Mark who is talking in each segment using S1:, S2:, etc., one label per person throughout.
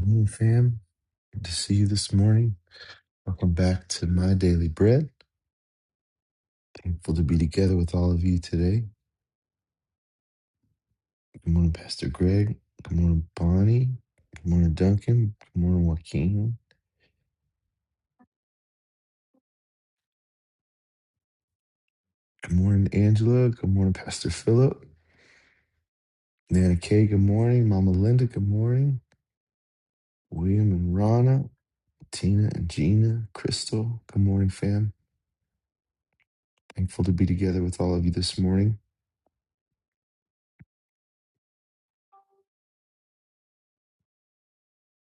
S1: Morning, fam. Good to see you this morning. Welcome back to My Daily Bread. Thankful to be together with all of you today. Good morning, Pastor Greg. Good morning, Bonnie. Good morning, Duncan. Good morning, Joaquin. Good morning, Angela. Good morning, Pastor Philip. Nana Kay, good morning. Mama Linda, good morning. William and Rana. Tina and Gina. Crystal, good morning, fam. Thankful to be together with all of you this morning.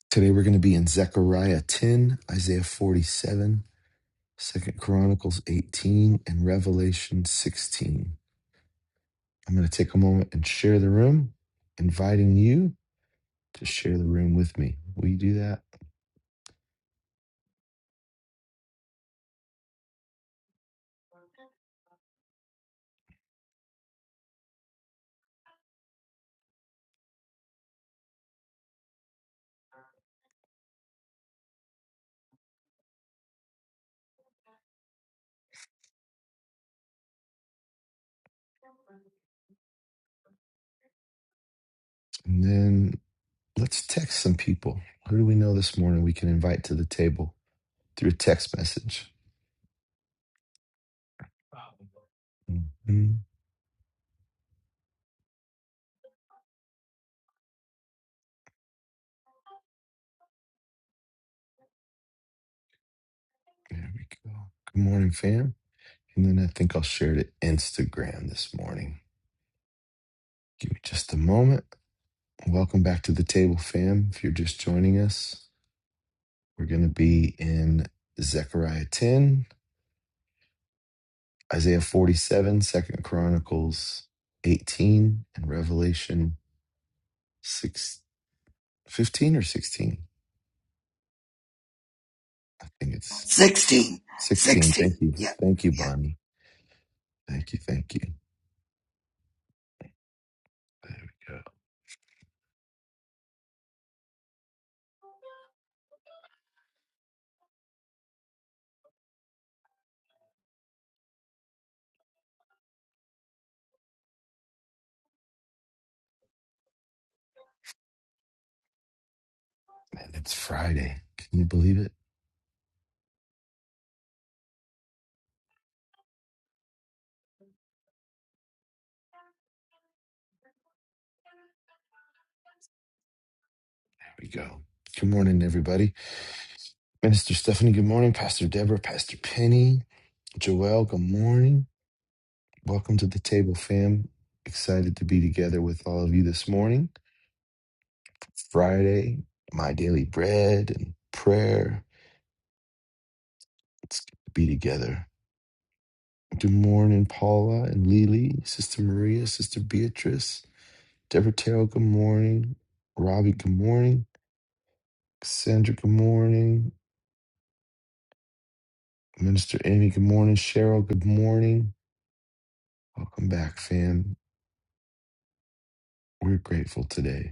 S1: Today we're going to be in Zechariah 10, Isaiah 47, Second Chronicles 18 and Revelation 16. I'm going to take a moment and share the room, inviting you to share the room with me. Will you do that? And then let's text some people. Who do we know this morning we can invite to the table through a text message? Mhm. There we go. Good morning, fam. And then I think I'll share to Instagram this morning. Give me just a moment. Welcome back to the table, fam. If you're just joining us, we're going to be in Zechariah 10, Isaiah 47, Second Chronicles 18, and Revelation 6, 15 or 16. I think it's
S2: 16,
S1: 16. Thank
S2: 16.
S1: you.
S2: Yeah,
S1: Thank you,
S2: yeah.
S1: Bonnie. Thank you. Thank you. There we go. Man, it's Friday. Can you believe it? There we go. Good morning, everybody. Minister Stephanie, good morning. Pastor Deborah, Pastor Penny, Joel, good morning. Welcome to the table, fam. Excited to be together with all of you this morning. Friday, my daily bread and prayer. It's good to be together. Good morning, Paula and Lily, Sister Maria, Sister Beatrice, Deborah Terrell, good morning. Robbie, good morning. Cassandra, good morning. Minister Amy, good morning. Cheryl, good morning. Welcome back, fam. We're grateful today.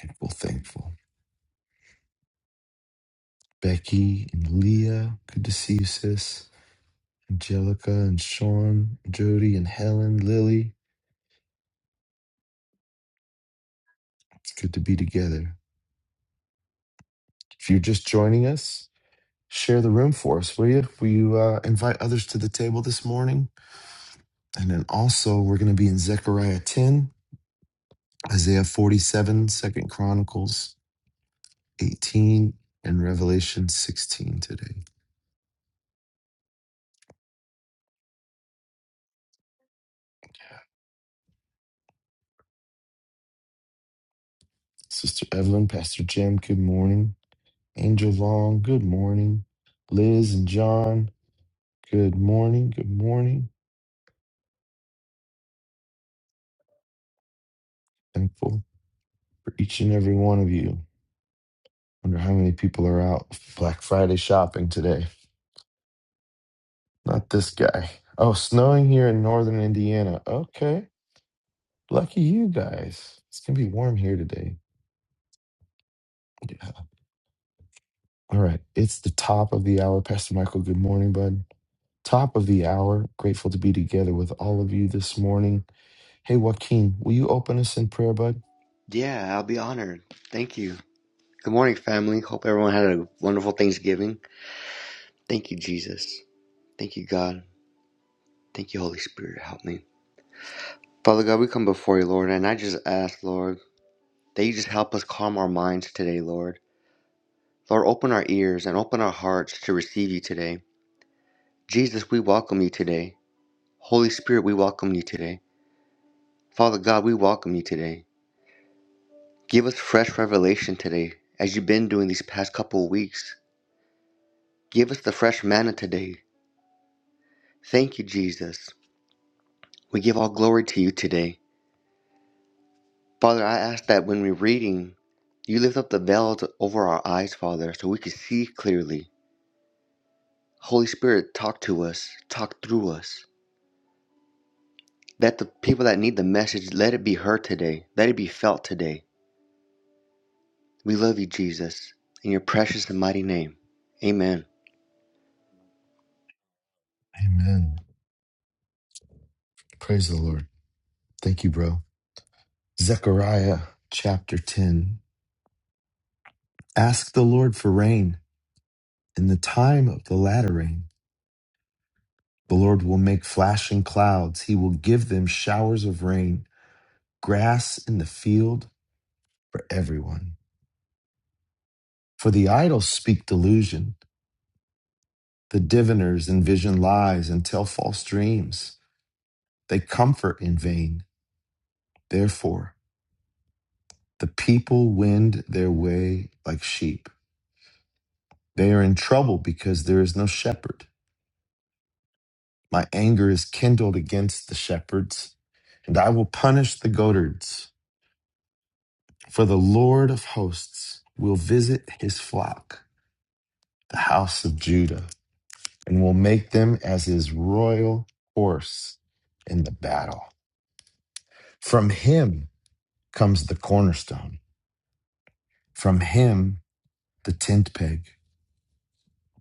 S1: Thankful, thankful. Becky and Leah, good to see you, sis. Angelica and Sean, Jody and Helen, Lily. It's good to be together. If you're just joining us, share the room for us, will you? Will you uh, invite others to the table this morning? And then also, we're going to be in Zechariah 10, Isaiah 47, Second Chronicles 18, and Revelation 16 today. Sister Evelyn, Pastor Jim, good morning. Angel Long, good morning. Liz and John, good morning. Good morning. Thankful for each and every one of you. Wonder how many people are out Black Friday shopping today. Not this guy. Oh, snowing here in northern Indiana. Okay. Lucky you guys. It's going to be warm here today. Yeah. All right. It's the top of the hour. Pastor Michael, good morning, bud. Top of the hour. Grateful to be together with all of you this morning. Hey, Joaquin, will you open us in prayer, bud?
S3: Yeah, I'll be honored. Thank you. Good morning, family. Hope everyone had a wonderful Thanksgiving. Thank you, Jesus. Thank you, God. Thank you, Holy Spirit. Help me. Father God, we come before you, Lord, and I just ask, Lord, that you just help us calm our minds today, Lord. Lord, open our ears and open our hearts to receive you today. Jesus, we welcome you today. Holy Spirit, we welcome you today. Father God, we welcome you today. Give us fresh revelation today, as you've been doing these past couple of weeks. Give us the fresh manna today Thank you, Jesus. We give all glory to you today. Father, I ask that when we're reading, you lift up the veils over our eyes, Father, so we can see clearly. Holy Spirit, talk to us, talk through us. Let the people that need the message, let it be heard today. Let it be felt today. We love you, Jesus, in your precious and mighty name. Amen.
S1: Amen. Praise the Lord. Thank you, bro. Zechariah chapter 10. Ask the Lord for rain in the time of the latter rain. The Lord will make flashing clouds. He will give them showers of rain, grass in the field for everyone. For the idle speak delusion. The diviners envision lies and tell false dreams. They comfort in vain. Therefore, the people wend their way like sheep. They are in trouble because there is no shepherd. My anger is kindled against the shepherds, and I will punish the goatherds. For the Lord of hosts will visit his flock, the house of Judah, and will make them as his royal horse in the battle. From him comes the cornerstone, from him the tent peg,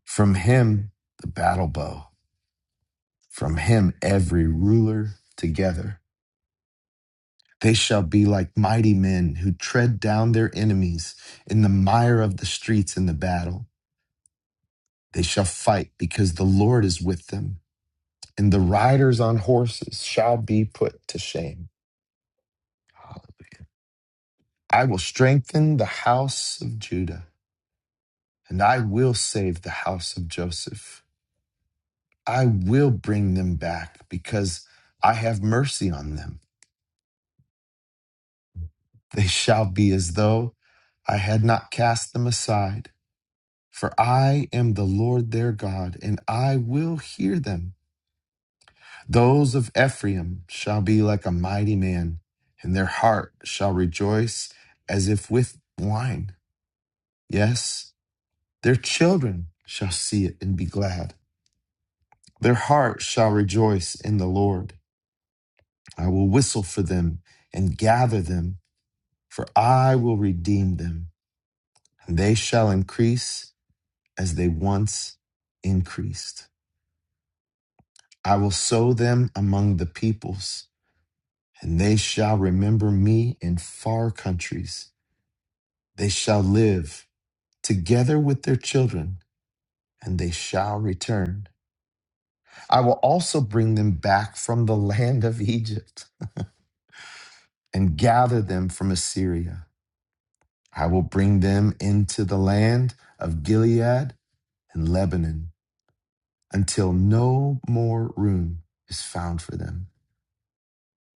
S1: from him the battle bow, from him every ruler together. They shall be like mighty men who tread down their enemies in the mire of the streets in the battle. They shall fight because the Lord is with them, and the riders on horses shall be put to shame. Hallelujah. I will strengthen the house of Judah, and I will save the house of Joseph. I will bring them back because I have mercy on them. They shall be as though I had not cast them aside For I am the Lord their God, and I will hear them. Those of Ephraim shall be like a mighty man, and their heart shall rejoice as if with wine. Yes, their children shall see it and be glad. Their heart shall rejoice in the Lord. I will whistle for them and gather them, for I will redeem them, and they shall increase as they once increased. I will sow them among the peoples, and they shall remember me in far countries. They shall live together with their children, and they shall return. I will also bring them back from the land of Egypt and gather them from Assyria. I will bring them into the land of Gilead and Lebanon until no more room is found for them.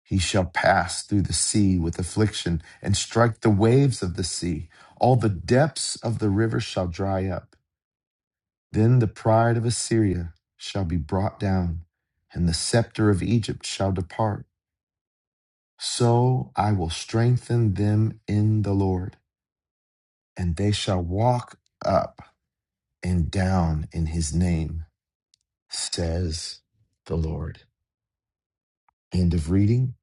S1: He shall pass through the sea with affliction and strike the waves of the sea. All the depths of the river shall dry up. Then the pride of Assyria shall be brought down, and the scepter of Egypt shall depart. So I will strengthen them in the Lord, and they shall walk up and down in his name, says the Lord. End of reading.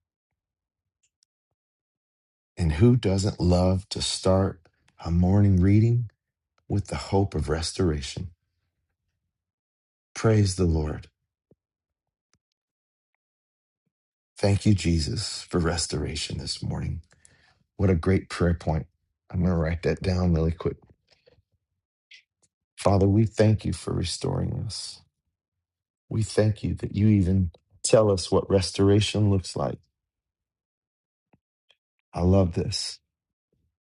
S1: And who doesn't love to start a morning reading? with the hope of restoration. Praise the Lord. Thank you, Jesus, for restoration this morning. What a great prayer point. I'm going to write that down really quick. Father, we thank you for restoring us. We thank you that you even tell us what restoration looks like. I love this.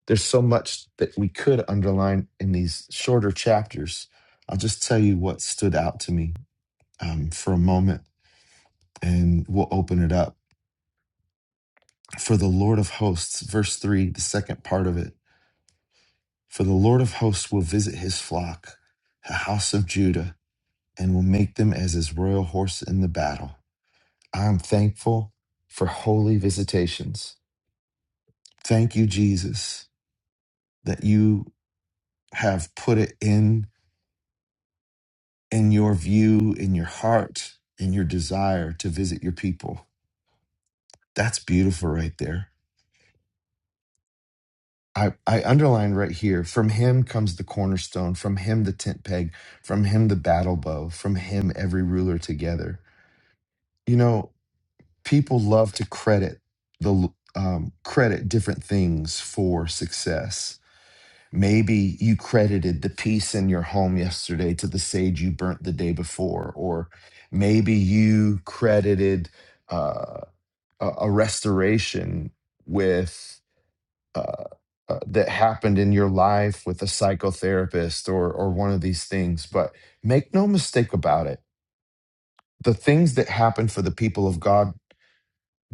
S1: There's so much that we could underline in these shorter chapters. I'll just tell you what stood out to me um, for a moment and we'll open it up. For the Lord of hosts, verse three, the second part of it. For the Lord of hosts will visit his flock, the house of Judah, and will make them as his royal horse in the battle. I am thankful for holy visitations. Thank you, Jesus, that you have put it in in your view, in your heart, in your desire to visit your people. That's beautiful right there. I, I underline right here from him comes the cornerstone, from him the tent peg, from him the battle bow, from him every ruler together. You know, people love to credit the um, credit different things for success. Maybe you credited the peace in your home yesterday to the sage you burnt the day before, or maybe you credited uh, a, a restoration with uh, uh, that happened in your life with a psychotherapist or or one of these things. But make no mistake about it: the things that happen for the people of God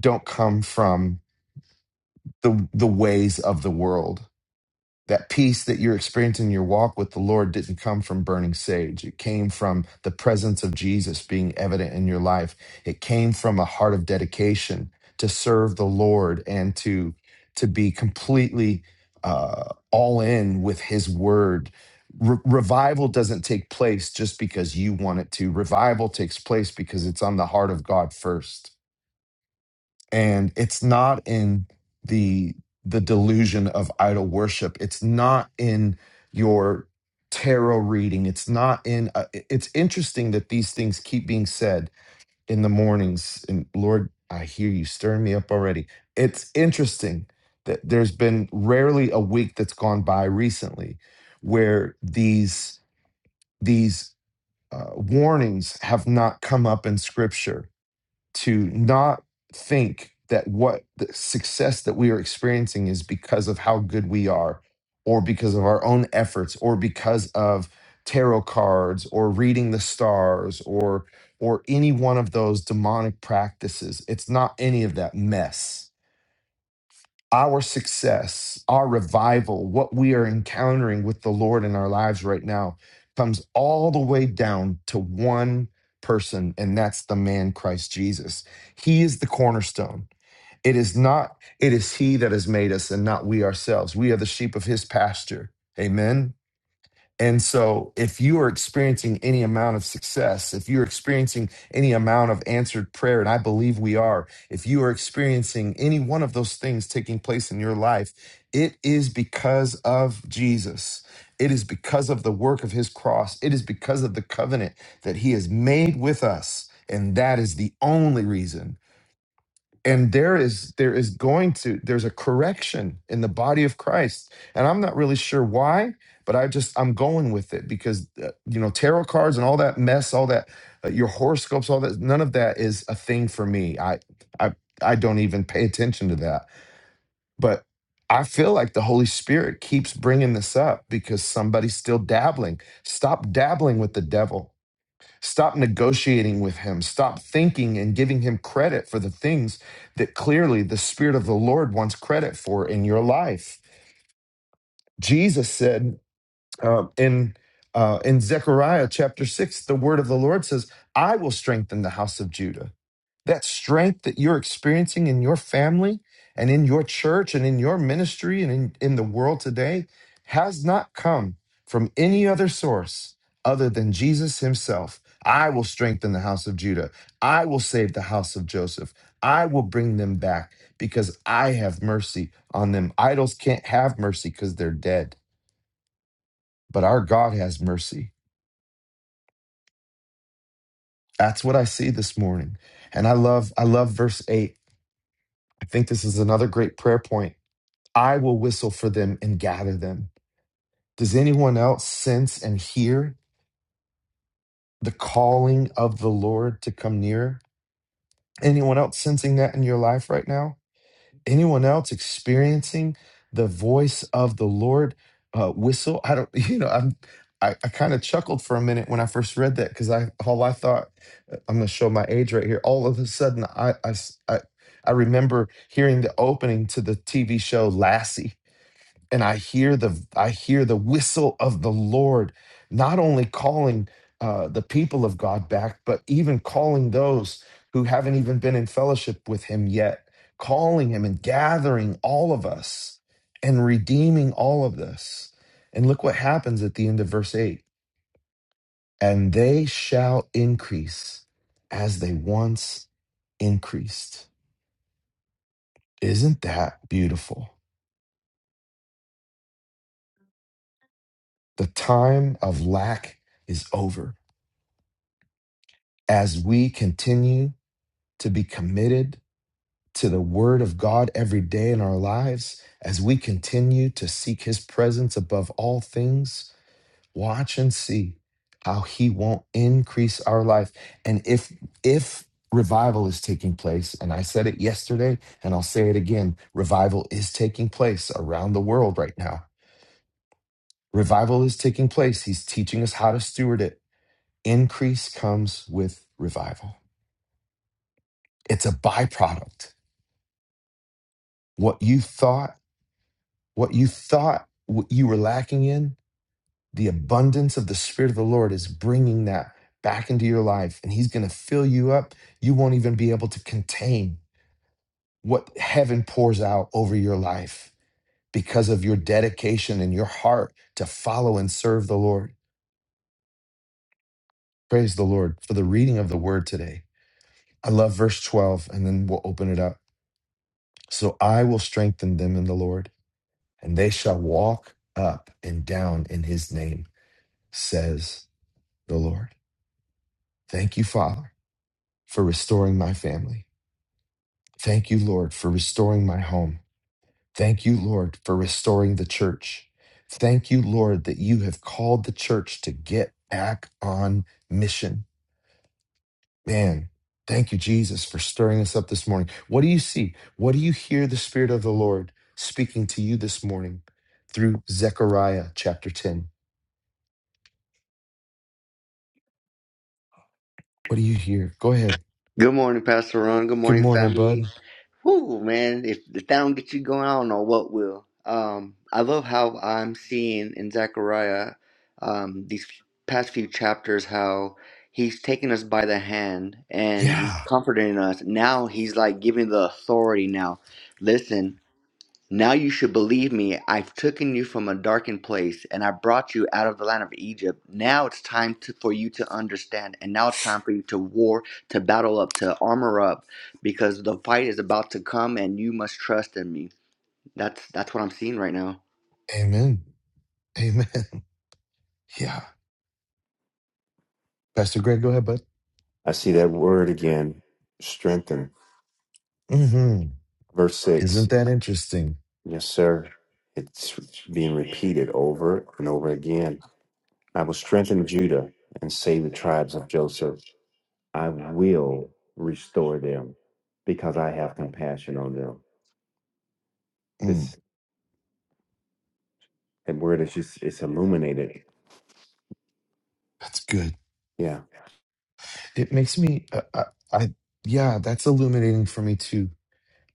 S1: don't come from the the ways of the world. That peace that you're experiencing in your walk with the Lord didn't come from burning sage. It came from the presence of Jesus being evident in your life. It came from a heart of dedication to serve the Lord and to to be completely uh, all in with His Word. Re- revival doesn't take place just because you want it to. Revival takes place because it's on the heart of God first and it's not in the the delusion of idol worship it's not in your tarot reading it's not in uh, i- it's interesting that these things keep being said in the mornings and lord i hear you stirring me up already it's interesting that there's been rarely a week that's gone by recently where these these uh, warnings have not come up in scripture to not think that what the success that we are experiencing is because of how good we are or because of our own efforts or because of tarot cards or reading the stars or or any one of those demonic practices it's not any of that mess our success, our revival, what we are encountering with the Lord in our lives right now comes all the way down to one person, and that's the man Christ Jesus. He is the cornerstone. It is not, it is He that has made us and not we ourselves. We are the sheep of His pasture. Amen. And so, if you are experiencing any amount of success, if you're experiencing any amount of answered prayer, and I believe we are, if you are experiencing any one of those things taking place in your life, it is because of Jesus. It is because of the work of his cross. It is because of the covenant that he has made with us. And that is the only reason and there is there is going to there's a correction in the body of christ and i'm not really sure why but i just i'm going with it because uh, you know tarot cards and all that mess all that uh, your horoscopes all that none of that is a thing for me i i i don't even pay attention to that but i feel like the holy spirit keeps bringing this up because somebody's still dabbling stop dabbling with the devil Stop negotiating with him. Stop thinking and giving him credit for the things that clearly the Spirit of the Lord wants credit for in your life. Jesus said, um, in uh, in Zechariah chapter six, the word of the Lord says, "I will strengthen the house of Judah." That strength that you're experiencing in your family and in your church and in your ministry and in, in the world today has not come from any other source other than Jesus Himself. I will strengthen the house of Judah. I will save the house of Joseph. I will bring them back because I have mercy on them. Idols can't have mercy because they're dead but our God has mercy. That's what I see this morning. And I love I love verse 8. I think this is another great prayer point. I will whistle for them and gather them. Does anyone else sense and hear the calling of the Lord to come near? Anyone else sensing that in your life right now? anyone else experiencing the voice of the Lord uh, whistle? I don't, you know, I'm, I, I kind of chuckled for a minute when I first read that because I, all I thought, uh, I'm going to show my age right here. All of a sudden, I, I s- I- I remember hearing the opening to the TV show Lassie and I hear the I hear the whistle of the Lord, not only calling uh, the people of God back, but even calling those who haven't even been in fellowship with Him yet, calling Him and gathering all of us and redeeming all of this. And look what happens at the end of verse eight: and they shall increase as they once increased. Isn't that beautiful? The time of lack is over as we continue to be committed to the Word of God every day in our lives, as we continue to seek His presence above all things, watch and see how He won't increase our life. And if, if, Revival is taking place, and I said it yesterday, and I'll say it again. Revival is taking place around the world right now. Revival is taking place. He's teaching us how to steward it. Increase comes with revival, it's a byproduct what you thought, what you thought what you were lacking in, the abundance of the Spirit of the Lord is bringing that back into your life. And He's going to fill you up. You won't even be able to contain what heaven pours out over your life because of your dedication and your heart to follow and serve the Lord. Praise the Lord for the reading of the word today. I love verse 12, and then we'll open it up. So I will strengthen them in the Lord, and they shall walk up and down in his name says the Lord. Thank you, Father, for restoring my family. Thank you, Lord, for restoring my home. Thank you, Lord, for restoring the church. Thank you, Lord, that you have called the church to get back on mission. Man, thank you, Jesus, for stirring us up this morning. What do you see? What do you hear the Spirit of the Lord speaking to you this morning through Zechariah chapter 10? What do you hear? Go ahead.
S3: Good morning, Pastor Ron. Good
S1: Good
S3: morning,
S1: morning,
S3: family.
S1: bud.
S3: Whoo, man, if, if that don't get you going, I don't know what will. Um, I love how I'm seeing in Zechariah um, these past few chapters how he's taking us by the hand and he's
S1: Yeah.
S3: comforting us. Now he's like giving the authority now. Listen, now you should believe me, I've taken you from a darkened place and I brought you out of the land of Egypt. Now it's time to, for you to understand, and now it's time for you to war, to battle up, to armor up, because the fight is about to come and you must trust in me. That's that's what I'm seeing right now.
S1: Amen. Amen. Yeah. Pastor Greg, go ahead, bud.
S4: I see that word again, strengthen.
S1: mm hmm
S4: Verse 6.
S1: Isn't that interesting?
S4: Yes, sir. It's being repeated over and over again. I will strengthen Judah and save the tribes of Joseph. I will restore them because I have compassion on them.
S1: Mm,
S4: This that word is just, it's illuminated.
S1: that's good.
S4: Yeah.
S1: It makes me, uh, I, I, yeah, that's illuminating for me too.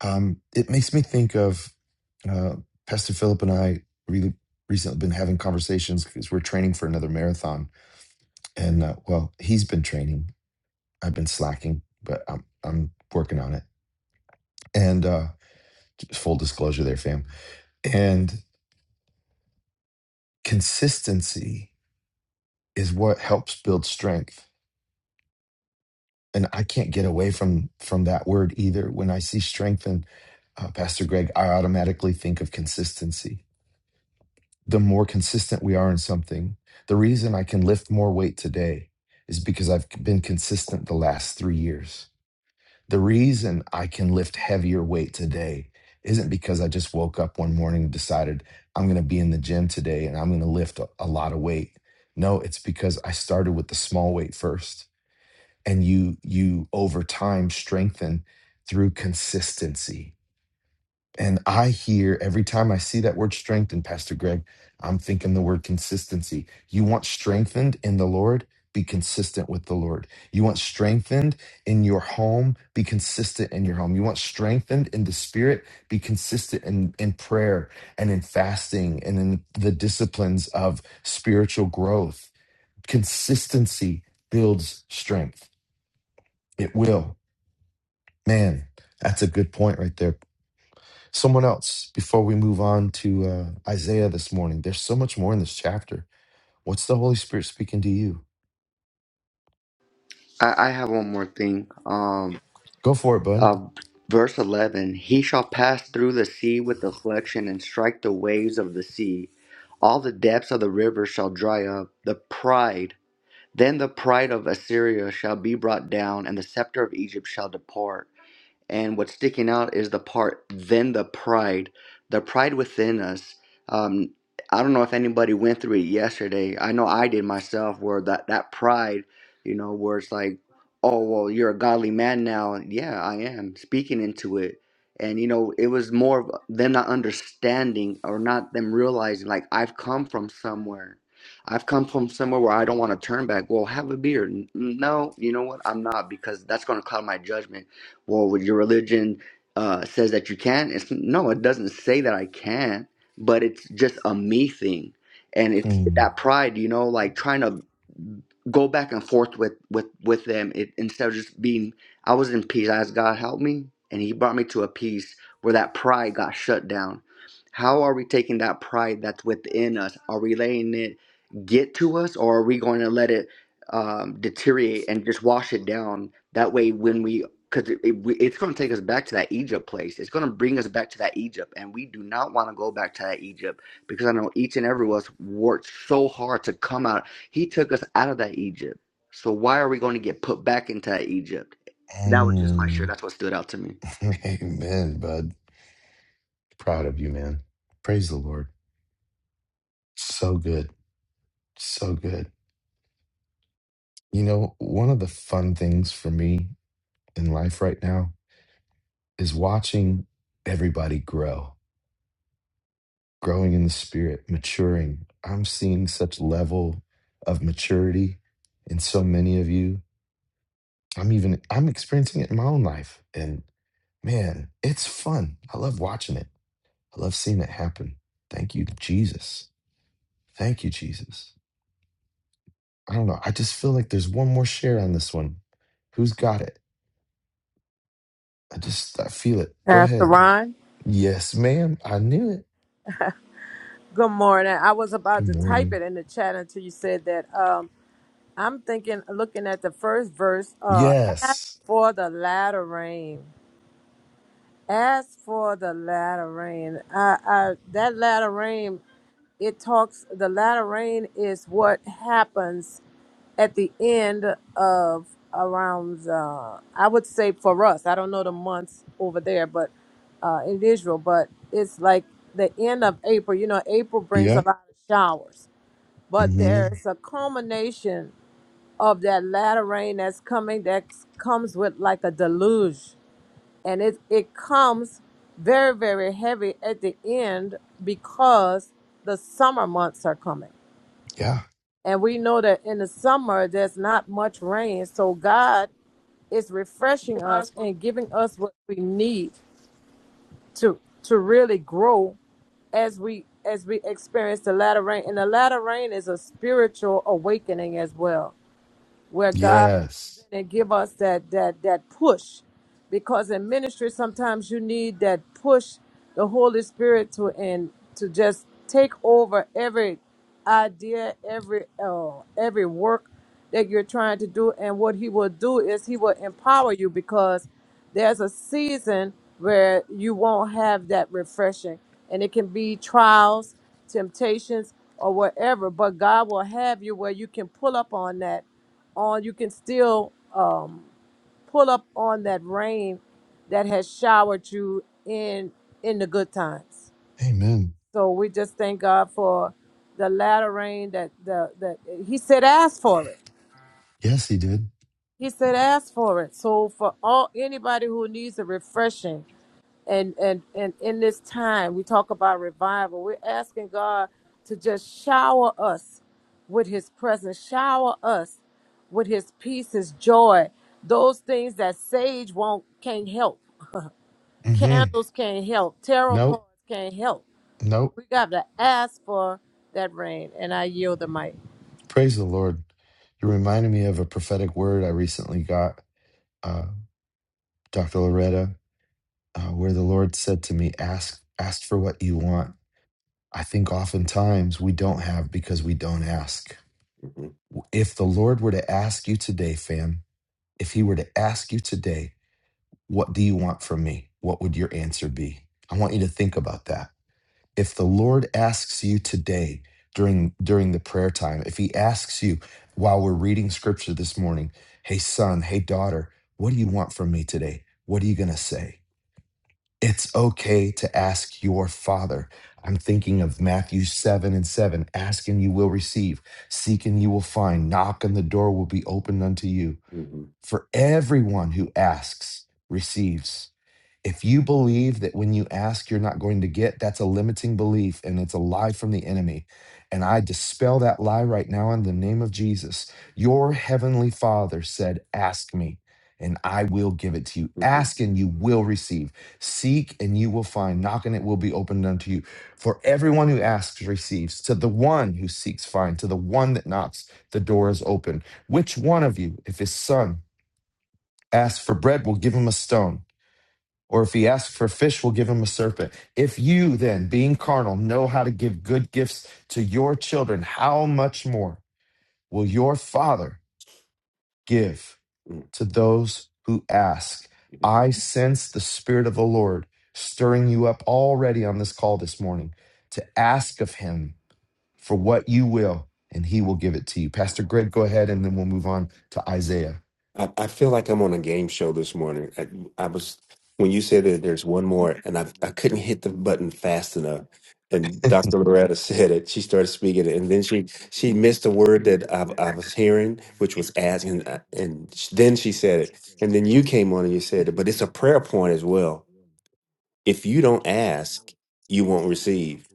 S1: Um, it makes me think of uh, Pastor Philip and I really recently been having conversations because we're training for another marathon. And uh, well, he's been training. I've been slacking, but I'm, I'm working on it. And uh, full disclosure there, fam. And consistency is what helps build strength and I can't get away from from that word either. When I see strength in uh, Pastor Greg, I automatically think of consistency. The more consistent we are in something, the reason I can lift more weight today is because I've been consistent the last three years. The reason I can lift heavier weight today isn't because I just woke up one morning and decided I'm going to be in the gym today and I'm going to lift a, a lot of weight. No, it's because I started with the small weight first and you you over time strengthen through consistency and i hear every time i see that word strengthen pastor greg i'm thinking the word consistency you want strengthened in the lord be consistent with the lord you want strengthened in your home be consistent in your home you want strengthened in the spirit be consistent in, in prayer and in fasting and in the disciplines of spiritual growth consistency builds strength it will Man, that's a good point right there. Someone else, before we move on to uh, Isaiah this morning, there's so much more in this chapter. What's the Holy Spirit speaking to you?
S3: I, I have one more thing. Um
S1: Go for it, bud.
S3: uh, verse eleven He shall pass through the sea with affliction and strike the waves of the sea. All the depths of the river shall dry up. The pride Then the pride of Assyria shall be brought down, and the scepter of Egypt shall depart and what's sticking out is the part then the pride the pride within us um, i don't know if anybody went through it yesterday i know i did myself where that, that pride you know where it's like oh well you're a godly man now yeah i am speaking into it and you know it was more of them not understanding or not them realizing like i've come from somewhere i've come from somewhere where i don't want to turn back well have a beer N- no you know what i'm not because that's going to cloud my judgment well, with your religion uh, says that you can. It's no, it doesn't say that I can, but it's just a me thing, and it's
S1: Hmm.
S3: that pride, you know, like trying to go back and forth with with with them. It instead of just being, I was in peace. I asked God help me, and He brought me to a peace where that pride got shut down. How are we taking that pride that's within us? Are we letting it get to us, or are we going to let it um, deteriorate and just wash it down? That way, when we because it, it, it's going to take us back to that Egypt place. It's going to bring us back to that Egypt, and we do not want to go back to that Egypt because I know each and every one of us worked so hard to come out. He took us out of that Egypt, so why are we going to get put back into that Egypt? That was just my shirt.
S1: Mm.
S3: That's what stood out to me.
S1: Amen, bud. Proud of you, man. Praise the Lord. So good. So good. You know, one of the fun things for me in life right now is watching everybody grow. growing in the spirit, maturing. I'm seeing such level of maturity in so many of you. I'm even I'm experiencing it in my own life. And man, it's fun. I love watching it. I love seeing it happen. Thank you, Jesus. Thank you, Jesus. I don't know. I just feel like there's one more share on this one. Who's got it? I just I feel it. Go
S5: Pastor
S1: ahead.
S5: Ron.
S1: Yes, ma'am. I knew it.
S5: Good morning. I was about to
S1: Good
S5: type
S1: morning.
S5: it in the chat until you said that. Um, I'm thinking, looking at the first verse, uh, ask
S1: Yes.
S5: for the latter rain. Ask for the latter rain. I, I, that latter rain, it talks, the latter rain is what happens at the end of around uh, I would say for us, I don't know the months over there, but uh, in Israel, but it's like the end of April. You know, April brings a
S1: Yep.
S5: lot of showers, but
S1: Mm-hmm.
S5: there's a culmination of that latter rain that's coming that comes with like a deluge, and it it comes very very heavy at the end because the summer months are coming
S1: Yeah.
S5: and we know that in the summer, there's not much rain. So God is refreshing
S6: I
S5: us
S6: suppose.
S5: and giving us what we need to to really grow as we as we experience the latter rain. And the latter rain is a spiritual awakening as well where God
S1: Yes.
S5: comes in and give us that that that push. Because in ministry sometimes you need that push the Holy Spirit to and to just take over every idea, every uh, every work that you're trying to do. And what he will do is he will empower you because there's a season where you won't have that refreshing. And it can be trials, temptations, or whatever, but God will have you where you can pull up on that on you can still um, pull up on that rain that has showered you in in the good times
S1: Amen.
S5: so we just thank god for the latter rain that the that he said ask for it
S1: Yes, he did.
S5: he said ask for it so for all anybody who needs a refreshing and and and in this time we talk about revival we're asking god to just shower us with his presence shower us with his peace his joy those things that sage won't can't help
S1: hmm
S5: candles can't help tarot
S1: Nope.
S5: cards can't help
S1: Nope.
S5: we got to ask for that rain and i yield the mic
S1: Praise the Lord. You reminded me of a prophetic word I recently got, uh, Dr. Loretta, uh, where the Lord said to me, ask, ask for what you want. I think oftentimes we don't have because we don't ask.
S4: hmm
S1: If the Lord were to ask you today, fam, if he were to ask you today, what do you want from me? What would your answer be? I want you to think about that if the lord asks you today during during the prayer time if he asks you while we're reading scripture this morning hey son hey daughter what do you want from me today what are you going to say it's okay to ask your father i'm thinking of matthew 7 and 7 ask and you will receive seek and you will find knock and the door will be opened unto you
S4: hmm
S1: for everyone who asks receives if you believe that when you ask, you're not going to get, that's a limiting belief and it's a lie from the enemy. And I dispel that lie right now in the name of Jesus. Your heavenly Father said, Ask me, and I will give it to you. Ask and you will receive. Seek and you will find. Knock and it will be opened unto you. For everyone who asks receives. To the one who seeks finds. To the one that knocks, the door is open. Which one of you, if his son asks for bread, will give him a stone? Or if he asks for fish, we'll give him a serpent. If you then, being carnal, know how to give good gifts to your children, how much more will your Father give to those who ask?
S4: hmm
S1: I sense the Spirit of the Lord stirring you up already on this call this morning to ask of him for what you will, and he will give it to you. Pastor Greg, go ahead, and then we'll move on to Isaiah.
S4: I, I feel like I'm on a game show this morning. I, I was when you said that there's one more, and I I couldn't hit the button fast enough. And Dr. Loretta said it. She started speaking, and then she she missed a word that I, I was hearing, which was ask, and I- and sh- then she said it, and then you came on and you said it. But it's a prayer point as well. If you don't ask, you won't receive.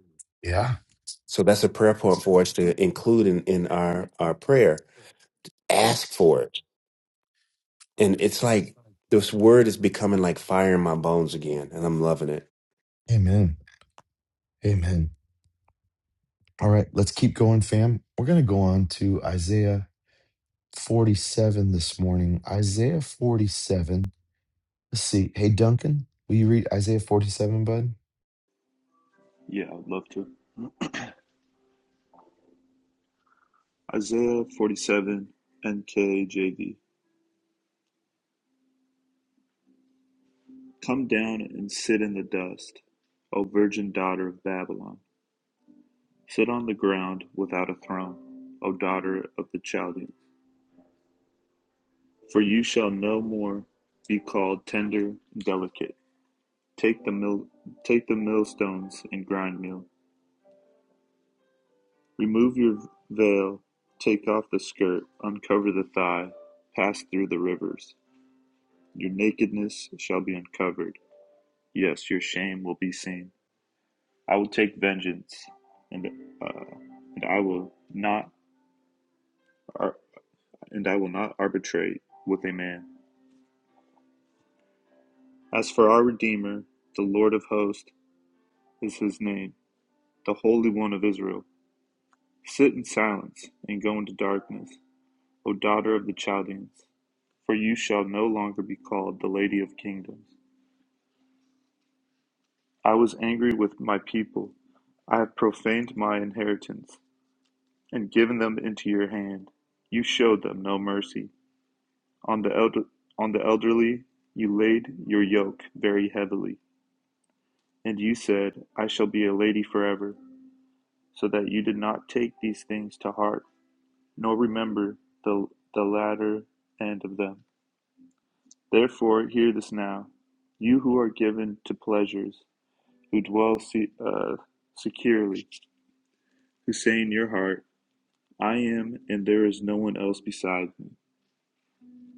S1: Yeah.
S4: So that's a prayer point for us to include in, in our our prayer. Ask for it And it's like this word is becoming like fire in my bones again, and I'm loving it.
S1: Amen. Amen. All right, let's keep going, fam. We're going to go on to Isaiah 47 this morning. Isaiah 47. Let's see. Hey, Duncan, will you read Isaiah 47, bud?
S7: Yeah, I'd love to. Isaiah 47, NKJV. Come down and sit in the dust, O virgin daughter of Babylon. Sit on the ground without a throne, O daughter of the Chaldeans. For you shall no more be called tender, delicate. Take the mill, take the millstones and grind meal. Remove your veil, take off the skirt, uncover the thigh, pass through the rivers. Your nakedness shall be uncovered Yes, your shame will be seen. I will take vengeance, and uh, and I will not ar- and I will not arbitrate with a man. As for our Redeemer, the Lord of hosts is His name, the Holy One of Israel. Sit in silence and go into darkness, O daughter of the Chaldeans, for you shall no longer be called the Lady of Kingdoms. I was angry with my people; I have profaned my inheritance. and given them into your hand. You showed them no mercy. On the, elder, on the elderly you laid your yoke very heavily. And you said, I shall be a lady forever, so that you did not take these things to heart, nor remember the, the latter end of them. Therefore, hear this now, you who are given to pleasures, who dwell se- uh, securely, who say in your heart, I am, and there is no one else beside me.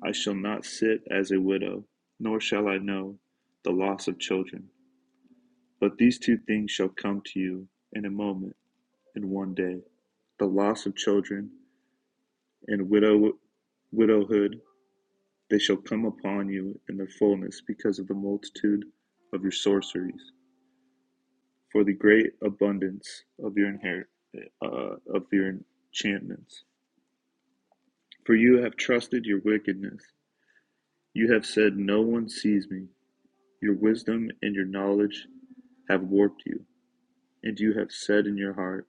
S7: I shall not sit as a widow, nor shall I know the loss of children. But these two things shall come to you in a moment, in one day the loss of children and widow, widowhood. They shall come upon you in their fullness because of the multitude of your sorceries, for the great abundance of your inherit, uh, of your enchantments. For you have trusted your wickedness. You have said, No one sees me. Your wisdom and your knowledge have warped you, and you have said in your heart,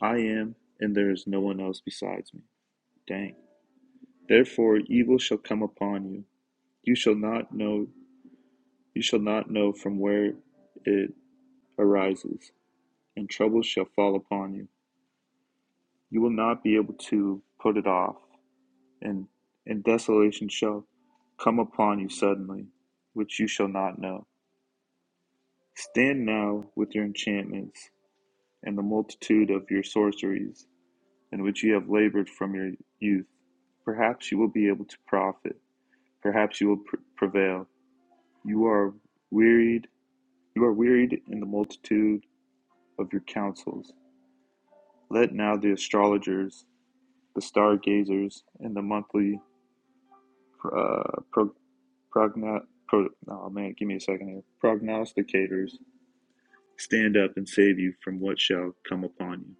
S7: I am, and there is no one else besides me. Dang. Therefore evil shall come upon you. You shall not know you shall not know from where it arises, and trouble shall fall upon you. You will not be able to put it off, and and desolation shall come upon you suddenly, which you shall not know. Stand now with your enchantments and the multitude of your sorceries, in which you have labored from your youth. Perhaps you will be able to profit. Perhaps you will pr- prevail. You are wearied. You are wearied in the multitude of your counsels. Let now the astrologers, the stargazers, and the monthly uh, pro, progno, pro, oh man, give me a second here. Prognosticators stand up and save you from what shall come upon you.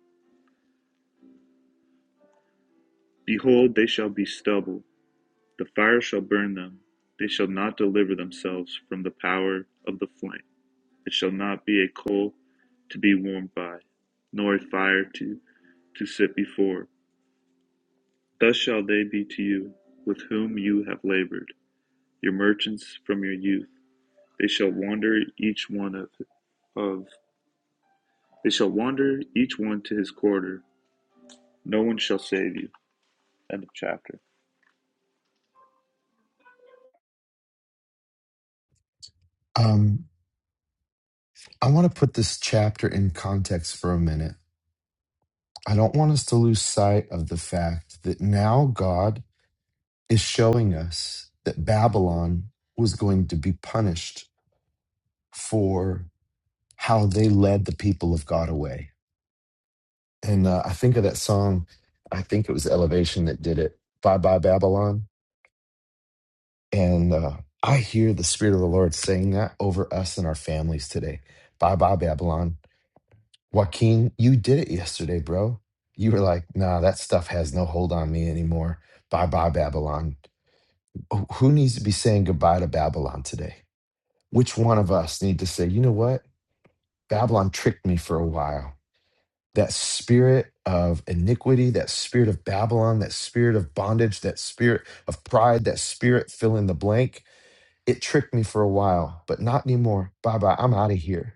S7: Behold, they shall be stubble The fire shall burn them; they shall not deliver themselves from the power of the flame. It shall not be a coal to be warmed by, nor a fire to, to sit before. Thus shall they be to you, with whom you have labored, your merchants from your youth. They shall wander each one of, of they shall wander each one to his quarter. No one shall save you. End of chapter.
S1: Um, I want to put this chapter in context for a minute. I don't want us to lose sight of the fact that now God is showing us that Babylon was going to be punished for how they led the people of God away And uh, I think of that song, I think it was Elevation that did it, Bye Bye Babylon. And uh, I hear the Spirit of the Lord saying that over us and our families today. Bye Bye Babylon. Joaquin, you did it yesterday, bro. You were like, nah, that stuff has no hold on me anymore. Bye bye, Babylon. Wh- Who needs to be saying goodbye to Babylon today? Which one of us need to say, you know what? Babylon tricked me for a while. that spirit of iniquity, that spirit of Babylon, that spirit of bondage, that spirit of pride, that spirit fill in the blank. It tricked me for a while, but not anymore. Bye bye. I'm out of here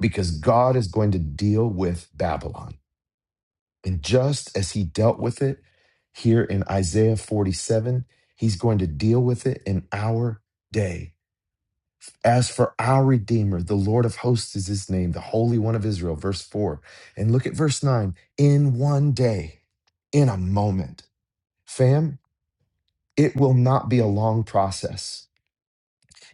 S1: because God is going to deal with Babylon. And just as he dealt with it here in Isaiah 47, he's going to deal with it in our day. As for our Redeemer, the Lord of hosts is his name, the Holy One of Israel. Verse 4. And look at verse 9. In one day, in a moment, fam, it will not be a long process.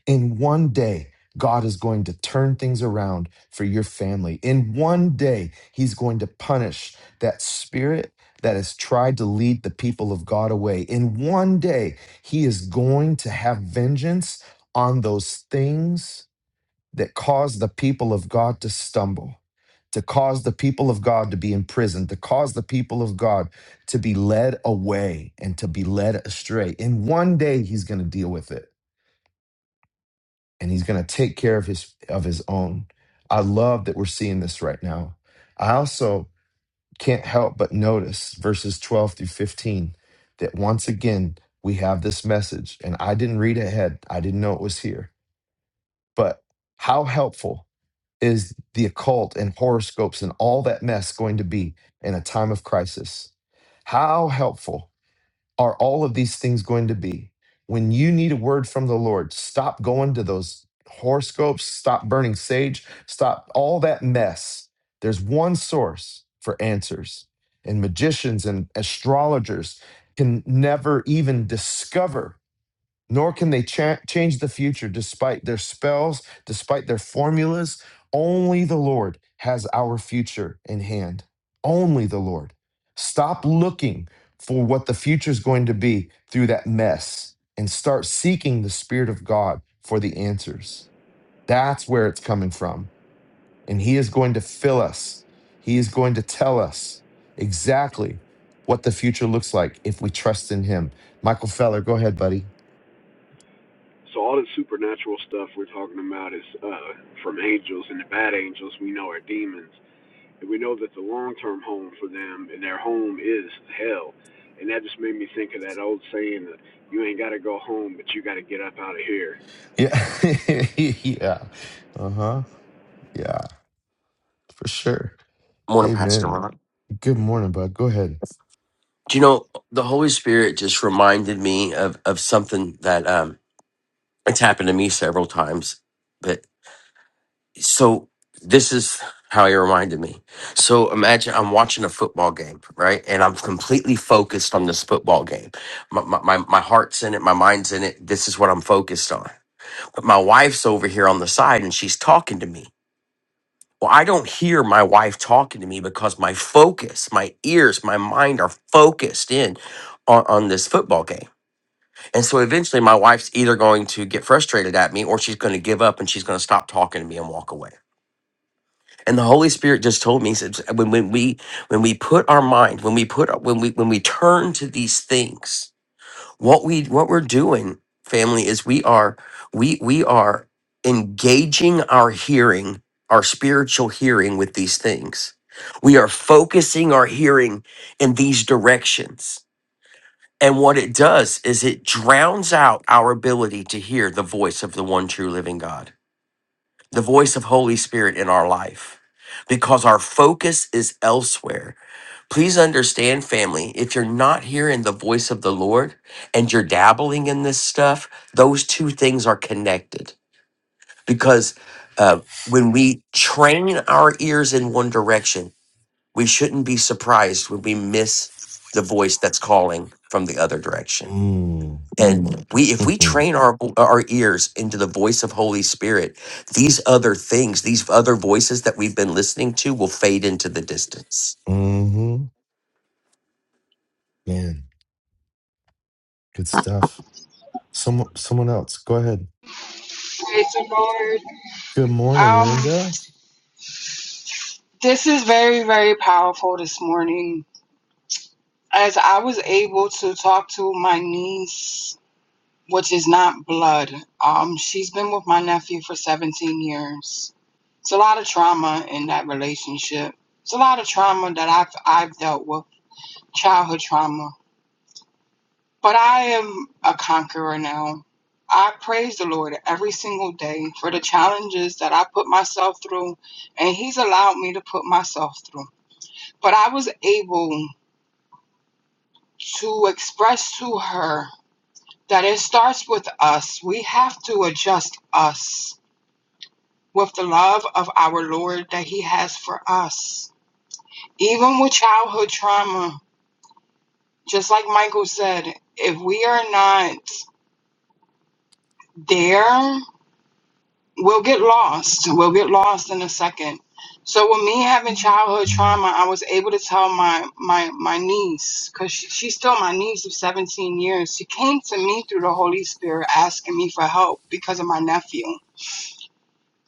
S1: In one day, God is going to turn things around for your family. In one day, he's going to punish that spirit that has tried to lead the people of God away. In one day, he is going to have vengeance on those things that caused the people of God to stumble, to cause the people of God to be imprisoned, to cause the people of God to be led away and to be led astray. And one day he's going to deal with it and he's going to take care of his of his own. I love that we're seeing this right now. I also can't help but notice verses 12 through 15 that once again we have this message and I didn't read ahead. I didn't know it was here but how helpful is the occult and horoscopes and all that mess going to be in a time of crisis? How helpful are all of these things going to be when you need a word from the Lord? Stop going to those horoscopes, stop burning sage, stop all that mess. There's one source for answers, and magicians and astrologers can never even discover nor can they cha- change the future despite their spells, despite their formulas. Only the Lord has our future in hand. Only the Lord. Stop looking for what the future is going to be through that mess and start seeking the Spirit of God for the answers. That's where it's coming from. And He is going to fill us, He is going to tell us exactly what the future looks like if we trust in Him. Michael Feller, go ahead, buddy.
S8: So all the supernatural stuff we're talking about is uh, from angels, and the bad angels we know are demons, and we know that the long-term home for them and their home is hell, and that just made me think of that old saying that you ain't got to go home, but you got to get up out of here.
S1: Yeah. yeah. Uh huh. Yeah, for sure.
S9: Morning, Pastor
S1: Amen.
S9: Ron.
S1: Good morning, bud. Go ahead.
S9: Do you know the Holy Spirit just reminded me of of something that um it's happened to me several times. But so this is how he reminded me. So imagine I'm watching a football game, right? And I'm completely focused on this football game. My my my, my heart's in it, my mind's in it. This is what I'm focused on. But my wife's over here on the side and she's talking to me. Well, I don't hear my wife talking to me because my focus, my ears, my mind are focused in on, on this football game. And so eventually my wife's either going to get frustrated at me or she's going to give up and she's going to stop talking to me and walk away. And the Holy Spirit just told me he said, when, when we when we put our mind, when we put when we when we turn to these things, what we what we're doing family is we are we we are engaging our hearing our spiritual hearing with these things we are focusing our hearing in these directions and what it does is it drowns out our ability to hear the voice of the one true living god the voice of Holy Spirit in our life because our focus is elsewhere. Please understand, family, if you're not hearing the voice of the Lord and you're dabbling in this stuff, those two things are connected because uh, when we train our ears in one direction, we shouldn't be surprised when we miss the voice that's calling from the other direction
S1: Mm.
S9: and we if we train our our ears into the voice of holy spirit these other things these other voices that we've been listening to will fade into the distance
S1: mm-hmm. Man, good stuff. Someone, someone else. Go ahead.
S10: Praise the Lord.
S1: Good morning,
S10: Um,
S1: Linda.
S10: this is very, very powerful this morning. As I was able to talk to my niece, which is not blood. Um, she's been with my nephew for 17 years. It's a lot of trauma in that relationship. It's a lot of trauma that I've I've dealt with, childhood trauma. But I am a conqueror now. I praise the Lord every single day for the challenges that I put myself through and he's allowed me to put myself through. But I was able to express to her that it starts with us. We have to adjust us with the love of our Lord that He has for us. Even with childhood trauma, just like Michael said, if we are not there we'll get lost. We'll get lost in a second. So with me having childhood
S1: Mm.
S10: trauma, I was able to tell my my my niece because she, she's still my niece of 17 years. She came to me through the Holy Spirit asking me for help because of my nephew.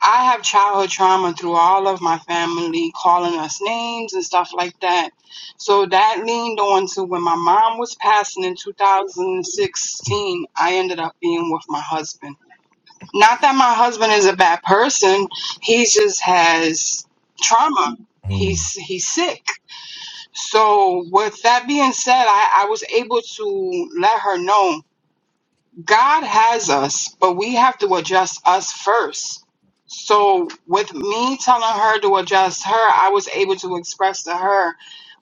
S10: I have childhood trauma through all of my family calling us names and stuff like that. So that leaned on to when my mom was passing in 2016, I ended up being with my husband not that my husband is a bad person. He just has trauma.
S1: Mm.
S10: He's he's sick. So with that being said, I, I was able to let her know God has us, but we have to adjust us first. So with me telling her to adjust her, I was able to express to her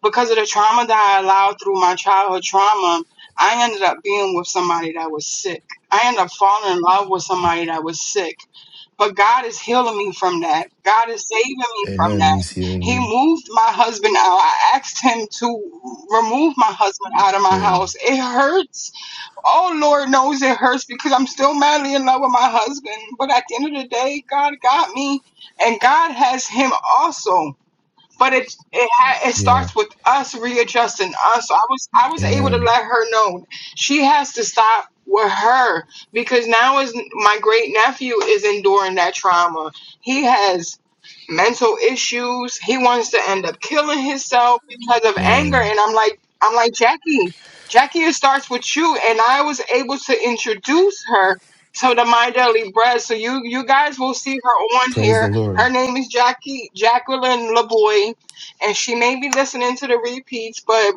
S10: because of the trauma that I allowed through my childhood trauma, I ended up being with somebody that was sick. I ended up falling in love with somebody that was sick. But God is healing me from that. God is saving me from
S1: Amen.
S10: that.
S1: He's healing
S10: He
S1: you.
S10: moved my husband out. I asked him to remove my husband out of my
S1: Man.
S10: house. It hurts. Oh, Lord knows it hurts because I'm still madly in love with my husband. But at the end of the day, God got me, and God has him also but it it ha- it
S1: Yeah.
S10: starts with us readjusting us. So I was I was able to
S1: Amen.
S10: let her know she has to stop with her because now is my great nephew is enduring that trauma. He has mental issues. He wants to end up killing himself because of anger.
S1: Man.
S10: And I'm like I'm like Jackie, Jackie, it starts with you. And I was able to introduce her to the My Daily Bread. So you you guys will see her on
S1: Praise
S10: here
S1: the
S10: her
S1: Lord.
S10: name is Jackie Jacqueline LaBoy, and she may be listening to the repeats. But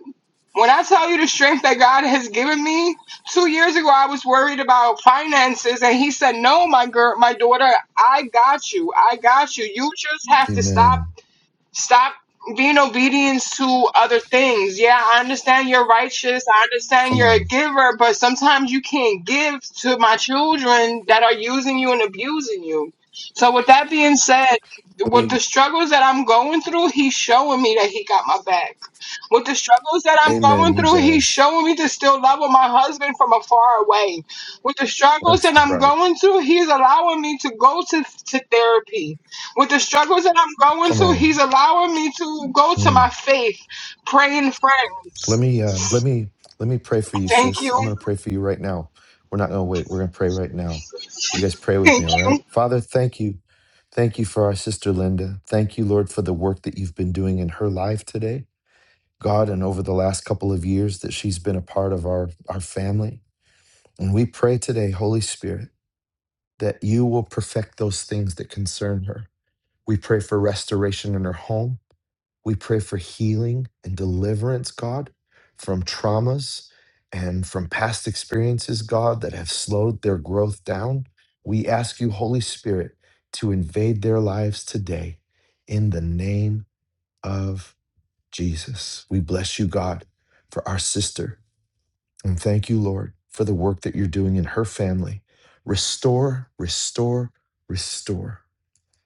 S10: when I tell you the strength that God has given me, two years ago I was worried about finances, and He said, "No, my girl, my daughter, I got you. I got you. You just have to stop
S1: Amen.
S10: Stop being obedience to other things. Yeah, I understand you're righteous. I understand
S1: Come
S10: you're a
S1: on.
S10: giver, but sometimes you can't give to my children that are using you and abusing you. So, with that being said,
S1: Let
S10: with
S1: me.
S10: the struggles that I'm going through, he's showing me that he got my back. With the struggles that I'm
S1: Amen.
S10: going
S1: He
S10: through, he's
S1: does.
S10: showing me to still love with my husband from afar away. With the struggles
S1: That's
S10: that I'm
S1: right.
S10: going through, he's allowing me to go to, to therapy with the struggles that I'm going
S1: Come
S10: through,
S1: on.
S10: he's allowing me to go to
S1: Mm.
S10: my faith, pray in
S1: Let
S10: friends.
S1: me. Uh, let me. Let me pray for you,
S10: Thank
S1: sis.
S10: you.
S1: I'm going to pray for you right now. We're not going to wait. We're going to pray right now. You guys pray
S10: Thank
S1: with me, all right? Father, thank you. Thank you for our sister Linda. Thank you, Lord, for the work that you've been doing in her life today, God, and over the last couple of years that she's been a part of our, our family. And we pray today, Holy Spirit, that you will perfect those things that concern her. We pray for restoration in her home. We pray for healing and deliverance, God, from traumas and from past experiences, God, that have slowed their growth down. We ask you, Holy Spirit, to invade their lives today in the name of Jesus. We bless you, God, for our sister. And thank you, Lord, for the work that you're doing in her family. Restore, restore, restore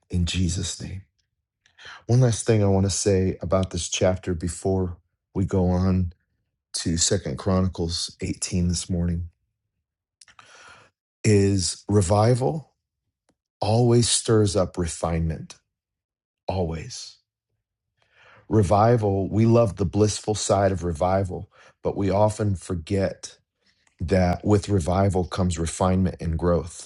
S1: in Jesus' name. One last thing I want to say about this chapter before we go on to Second Chronicles 18 this morning is revival always stirs up refinement. Always. Revival, we love the blissful side of revival, but we often forget that with revival comes refinement and growth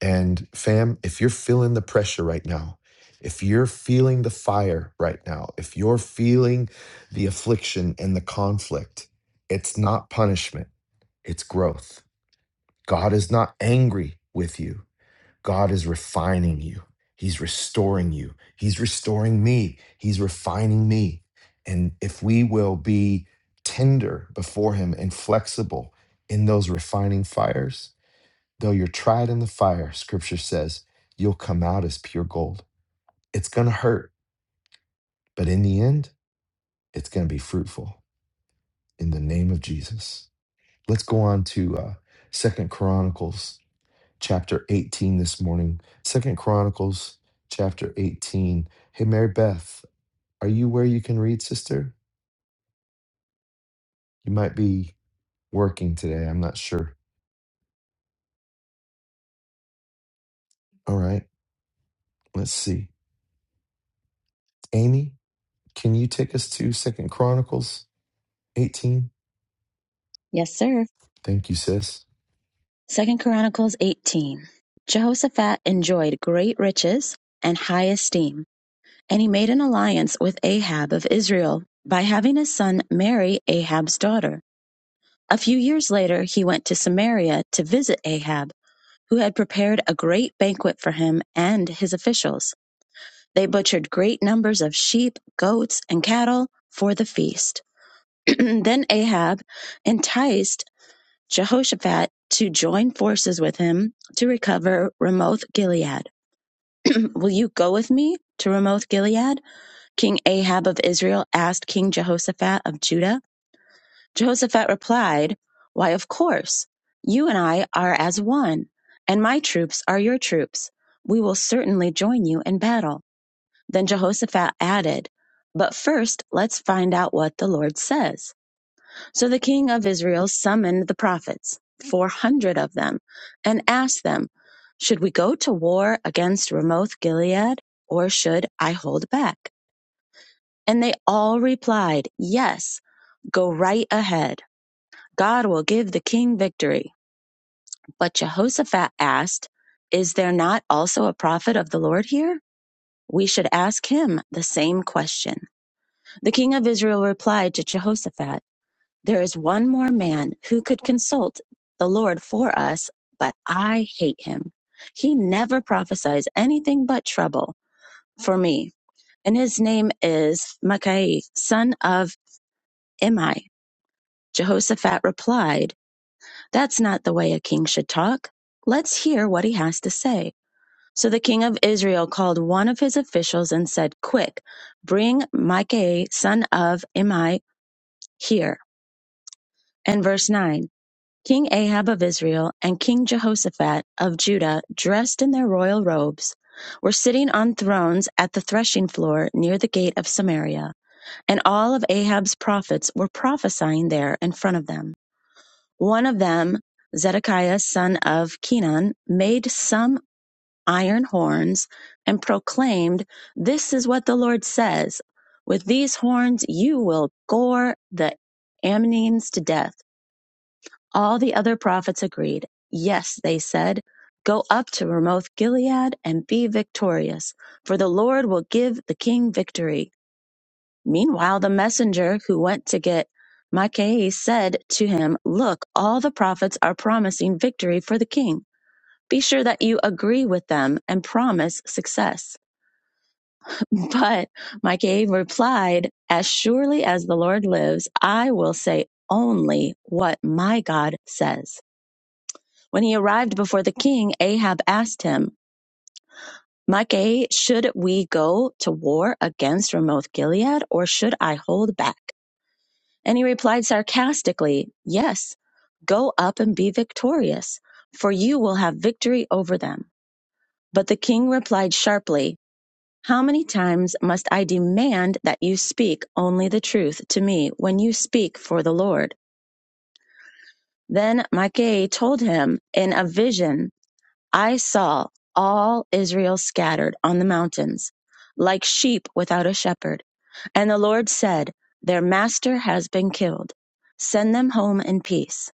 S1: And fam, if you're feeling the pressure right now, if you're feeling the fire right now, if you're feeling the affliction and the conflict, it's not punishment, it's growth. God is not angry with you, God is refining you. He's restoring you. He's restoring me. He's refining me. And if we will be tender before Him and flexible in those refining fires, Though you're tried in the fire, scripture says, you'll come out as pure gold. It's going to hurt, but in the end, it's going to be fruitful in the name of Jesus. Let's go on to uh, 2 Chronicles chapter 18 this morning. Second Chronicles chapter 18. Hey, Mary Beth, are you where you can read, sister? You might be working today. I'm not sure. All right, let's see. Amy, can you take us to Second Chronicles 18?
S11: Yes, sir.
S1: Thank you, sis.
S11: Second Chronicles 18. Jehoshaphat enjoyed great riches and high esteem, and he made an alliance with Ahab of Israel by having his son marry Ahab's daughter. A few years later, he went to Samaria to visit Ahab, who had prepared a great banquet for him and his officials. They butchered great numbers of sheep, goats, and cattle for the feast. then Ahab enticed Jehoshaphat to join forces with him to recover Ramoth Gilead. Will you go with me to Ramoth Gilead? King Ahab of Israel asked King Jehoshaphat of Judah. Jehoshaphat replied, Why, of course. You and I are as one, and my troops are your troops. We will certainly join you in battle. Then Jehoshaphat added, But first, let's find out what the Lord says. So the king of Israel summoned the prophets, 400 of them, and asked them, Should we go to war against Ramoth Gilead, or should I hold back? And they all replied, Yes, go right ahead. God will give the king victory. But Jehoshaphat asked, Is there not also a prophet of the Lord here? We should ask him the same question. The king of Israel replied to Jehoshaphat, There is one more man who could consult the Lord for us, but I hate him. He never prophesies anything but trouble for me. And his name is Micaiah, son of Imai. Jehoshaphat replied, That's not the way a king should talk. Let's hear what he has to say. So the king of Israel called one of his officials and said, Quick, bring Micaiah, son of Imai, here. And verse 9. King Ahab of Israel and King Jehoshaphat of Judah, dressed in their royal robes, were sitting on thrones at the threshing floor near the gate of Samaria, and all of Ahab's prophets were prophesying there in front of them. One of them, Zedekiah son of Kenan, made some iron horns and proclaimed, This is what the Lord says. With these horns you will gore the Ammonites to death all the other prophets agreed. Yes, they said, go up to Ramoth Gilead and be victorious, for the Lord will give the king victory. Meanwhile, the messenger who went to get Micaiah said to him, Look, all the prophets are promising victory for the king. Be sure that you agree with them and promise success. But Micaiah replied, As surely as the Lord lives, I will say only what my God says. When he arrived before the king, Ahab asked him, Micah, should we go to war against Ramoth Gilead, or should I hold back? And he replied sarcastically, Yes, go up and be victorious, for you will have victory over them. But the king replied sharply, How many times must I demand that you speak only the truth to me when you speak for the Lord? Then Micah told him in a vision I saw all Israel scattered on the mountains, like sheep without a shepherd. And the Lord said, Their master has been killed. Send them home in peace.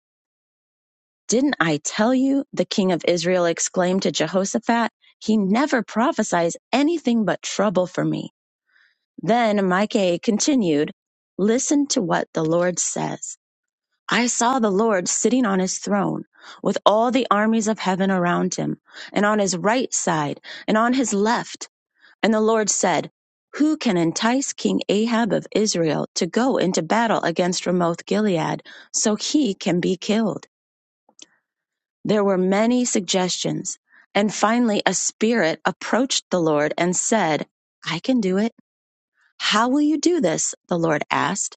S11: Didn't I tell you? The king of Israel exclaimed to Jehoshaphat, He never prophesies anything but trouble for me. Then Micah continued, Listen to what the Lord says. I saw the Lord sitting on his throne, with all the armies of heaven around him, and on his right side, and on his left. And the Lord said, Who can entice King Ahab of Israel to go into battle against Ramoth Gilead, so he can be killed? There were many suggestions, and finally a spirit approached the Lord and said, I can do it. How will you do this? The Lord asked.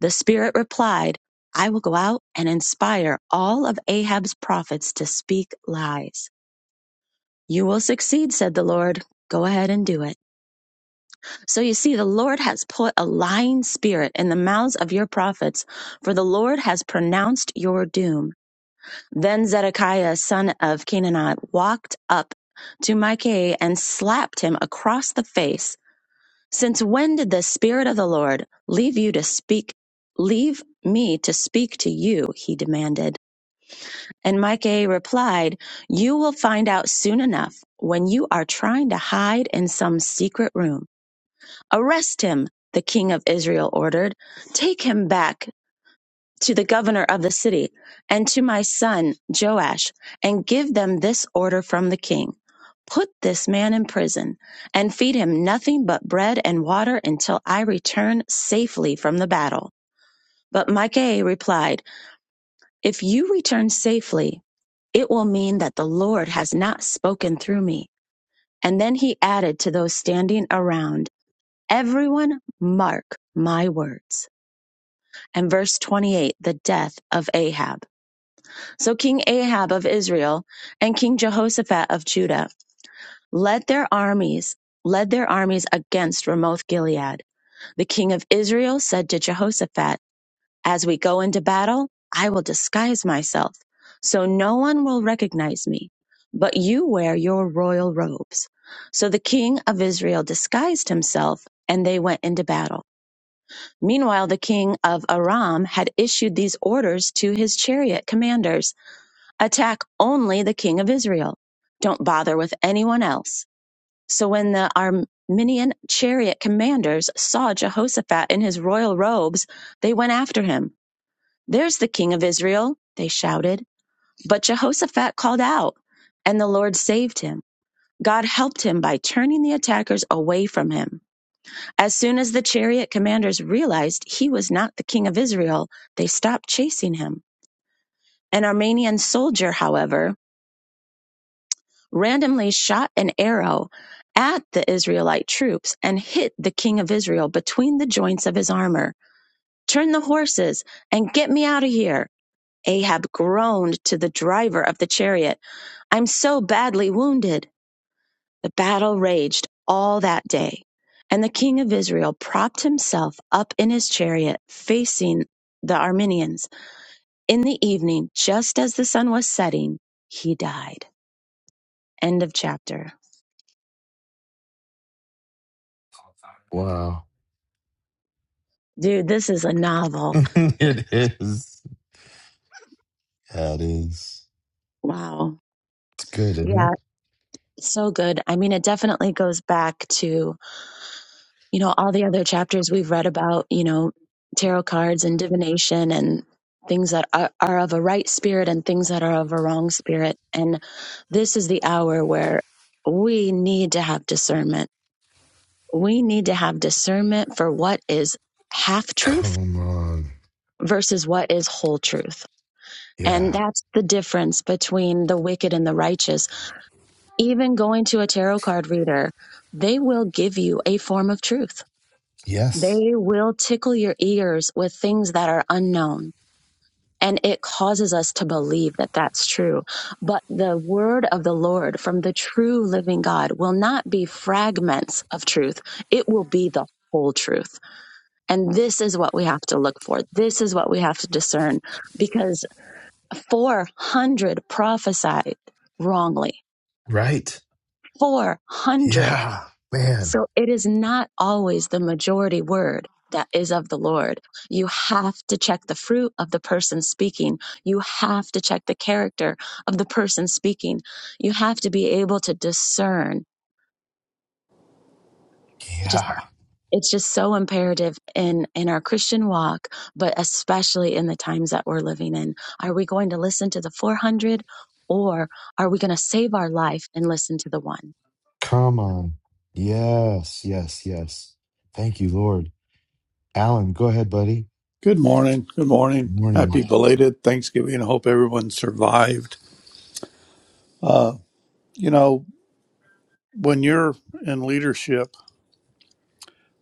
S11: The Spirit replied, I will go out and inspire all of Ahab's prophets to speak lies. You will succeed, said the Lord. Go ahead and do it. So you see, the Lord has put a lying spirit in the mouths of your prophets, for the Lord has pronounced your doom. Then Zedekiah, son of Canaanite, walked up to Micah and slapped him across the face Since when did the Spirit of the Lord leave you to speak, leave me to speak to you? He demanded. And Micah replied, You will find out soon enough when you are trying to hide in some secret room. Arrest him, the king of Israel ordered. Take him back to the governor of the city and to my son Joash and give them this order from the king. Put this man in prison and feed him nothing but bread and water until I return safely from the battle. But Micaiah replied, If you return safely, it will mean that the Lord has not spoken through me. And then he added to those standing around, Everyone mark my words. And verse 28, the death of Ahab. So King Ahab of Israel and King Jehoshaphat of Judah led their armies, led their armies against Ramoth Gilead. The king of Israel said to Jehoshaphat, As we go into battle, I will disguise myself, so no one will recognize me, but you wear your royal robes. So the king of Israel disguised himself, and they went into battle. Meanwhile, the king of Aram had issued these orders to his chariot commanders attack only the king of Israel. Don't bother with anyone else. So when the Armenian chariot commanders saw Jehoshaphat in his royal robes, they went after him. There's the king of Israel, they shouted. But Jehoshaphat called out, and the Lord saved him. God helped him by turning the attackers away from him. As soon as the chariot commanders realized he was not the king of Israel, they stopped chasing him. An Armenian soldier, however, randomly shot an arrow at the Israelite troops and hit the king of Israel between the joints of his armor. Turn the horses and get me out of here. Ahab groaned to the driver of the chariot. I'm so badly wounded. The battle raged all that day. And the king of Israel propped himself up in his chariot, facing the Armenians. In the evening, just as the sun was setting, he died. End of chapter.
S1: Wow.
S11: Dude, this is a novel.
S1: it is. Yeah, it is.
S11: Wow.
S1: It's good, isn't
S11: Yeah,
S1: it?
S11: so good. I mean, it definitely goes back to, you know, all the other chapters we've read about, you know, tarot cards and divination and things that are, are of a right spirit and things that are of a wrong spirit. And this is the hour where we need to have discernment. We need to have discernment for what is half truth
S1: Come on.
S11: versus what is whole truth. And
S1: Yeah.
S11: that's the difference between the wicked and the righteous even going to a tarot card reader, they will give you a form of truth.
S1: Yes.
S11: They will tickle your ears with things that are unknown. And it causes us to believe that that's true. But the word of the Lord from the true living God will not be fragments of truth. It will be the whole truth. And this is what we have to look for. This is what we have to discern because 400 prophesied wrongly.
S1: Right.
S11: 400
S1: Yeah. Man.
S11: So it is not always the majority word that is of the Lord. You have to check the fruit of the person speaking. You have to check the character of the person speaking. You have to be able to discern. You just
S1: Yeah.
S11: it's just so imperative in in our christian walk but especially in the times that we're living in are we going to listen to the 400 or are we going to save our life and listen to the one
S1: Come on. Yes. Yes. Yes. Thank you, Lord. Alan, go ahead, buddy.
S12: Good morning. Good morning.
S1: Morning.
S12: Happy belated Thanksgiving. I hope everyone survived. Uh, you know, when you're in leadership,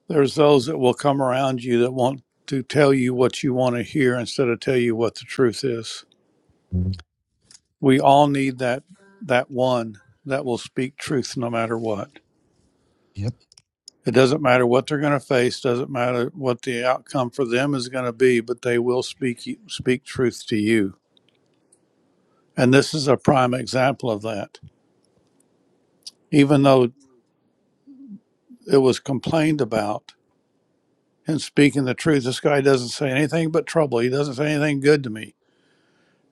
S12: there's those that will come around you that want to tell you what you want to hear instead of tell you what the truth is.
S1: Mm-hmm.
S12: We all need that that one that will speak truth no matter what.
S1: Yep.
S12: It doesn't matter what they're going to face, doesn't matter what the outcome for them is going to be, but they will speak speak truth to you. And this is a prime example of that even though it was complained about and speaking the truth this guy doesn't say anything but trouble he doesn't say anything good to me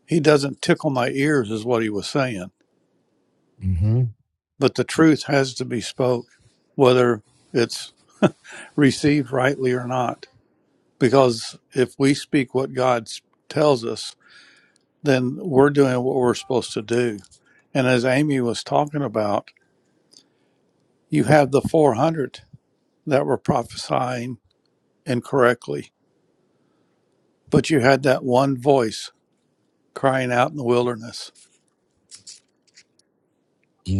S12: he doesn't tickle my ears is what he was saying
S1: Mm-hmm.
S12: but the truth has to be spoke whether it's received rightly or not because if we speak what god tells us then we're doing what we're supposed to do and as amy was talking about you have the 400 that were prophesying incorrectly but you had that one voice crying out in the wilderness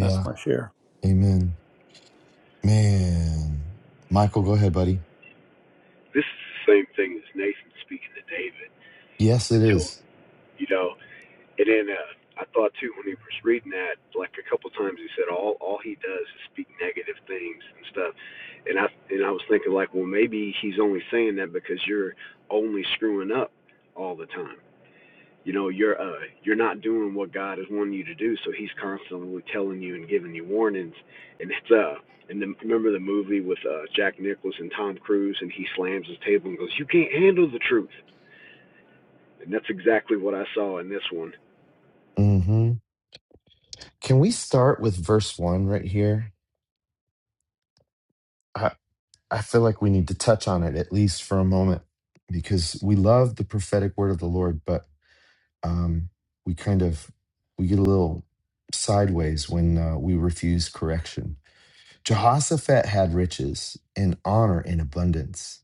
S12: That's my share.
S1: Amen. Man. Michael, go ahead, buddy.
S8: This is the same thing as Nathan speaking to David.
S1: Yes, it
S8: Until
S1: is.
S8: you know, And then uh, I thought too when he was reading that, like a couple times he said all all he does is speak negative things and stuff. And I and I was thinking like, well maybe he's only saying that because you're only screwing up all the time. You know, you're uh you're not doing what God is wanting you to do, so he's constantly telling you and giving you warnings. And it's uh and the, remember the movie with uh Jack Nicholas and Tom Cruise and he slams his table and goes, "You can't handle the truth." And that's exactly what I saw in this one
S1: Mm-hmm. Can we start with verse one right here? I feel like we need to touch on it at least for a moment because we love the prophetic word of the Lord, but um, we kind of we get a little sideways when uh, we refuse correction. Jehoshaphat had riches and honor in abundance.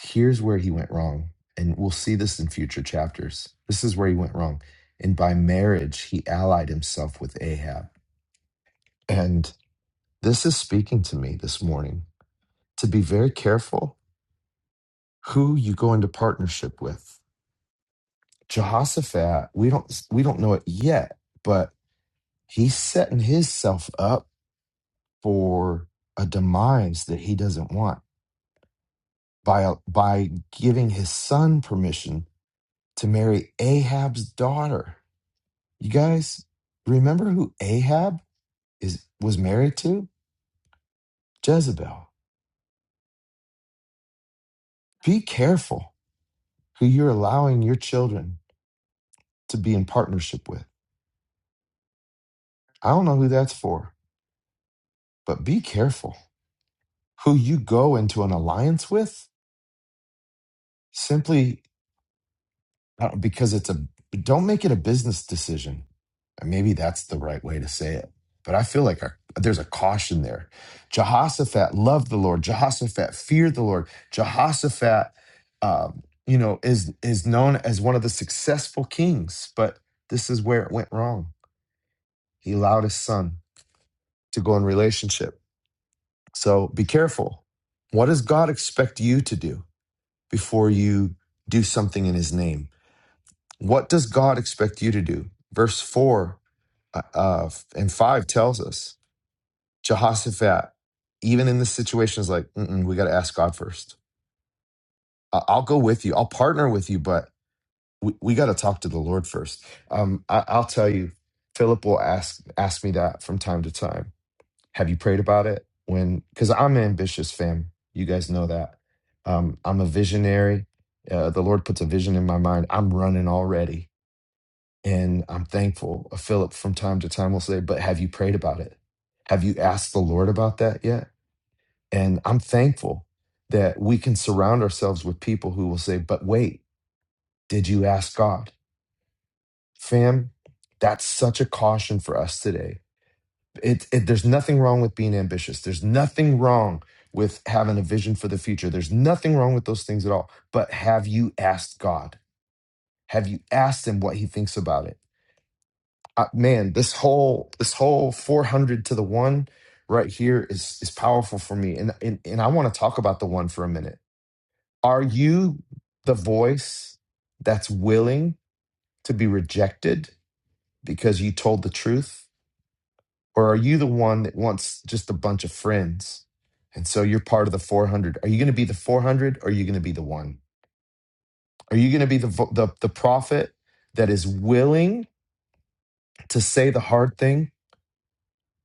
S1: Here's where he went wrong, and we'll see this in future chapters. This is where he went wrong, and by marriage he allied himself with Ahab, and this is speaking to me this morning to be very careful who you go into partnership with. Jehoshaphat, we don't we don't know it yet, but he's setting himself up for a demise that he doesn't want by by giving his son permission to marry Ahab's daughter. You guys remember who Ahab is was married to? Jezebel. Be careful who you're allowing your children to be in partnership with. I don't know who that's for, but be careful who you go into an alliance with simply uh, because it's a don't make it a business decision And maybe that's the right way to say it but i feel like a, there's a caution there jehoshaphat loved the lord jehoshaphat feared the lord jehoshaphat um, you know is is known as one of the successful kings but this is where it went wrong he allowed his son to go in relationship so be careful what does god expect you to do before you do something in his name. What does God expect you to do? Verse 4 uh, uh, and 5 tells us Jehoshaphat, even in this situation, is like, Mm-mm, we got to ask God first. I- I'll go with you, I'll partner with you, but we, we got to talk to the Lord first. Um, I- I'll tell you, Philip will ask, ask me that from time to time Have you prayed about it? When because I'm ambitious, fam. You guys know that. Um, I'm a visionary. Uh, the Lord puts a vision in my mind. I'm running already, and I'm thankful. Uh, Philip from time to time will say, "But have you prayed about it? Have you asked the Lord about that yet?" And I'm thankful that we can surround ourselves with people who will say, "But wait, did you ask God, fam?" That's such a caution for us today it, it there's nothing wrong with being ambitious there's nothing wrong with having a vision for the future there's nothing wrong with those things at all but have you asked god have you asked him what he thinks about it uh, man this whole this whole 400 to the one right here is is powerful for me and and, and i want to talk about the one for a minute are you the voice that's willing to be rejected because you told the truth Or are you the one that wants just a bunch of friends? And so you're part of the 400. Are you going to be the 400 or are you going to be the one? Are you going to be the, vo- the, the prophet that is willing to say the hard thing?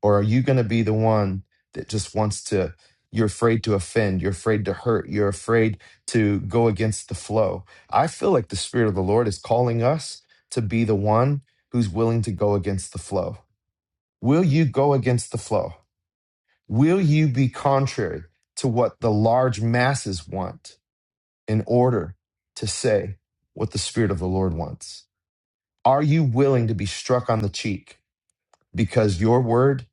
S1: Or are you going to be the one that just wants to, you're afraid to offend, you're afraid to hurt, you're afraid to go against the flow? I feel like the Spirit of the Lord is calling us to be the one who's willing to go against the flow. Will you go against the flow? Will you be contrary to what the large masses want in order to say what the Spirit of the Lord wants? Are you willing to be struck on the cheek because your word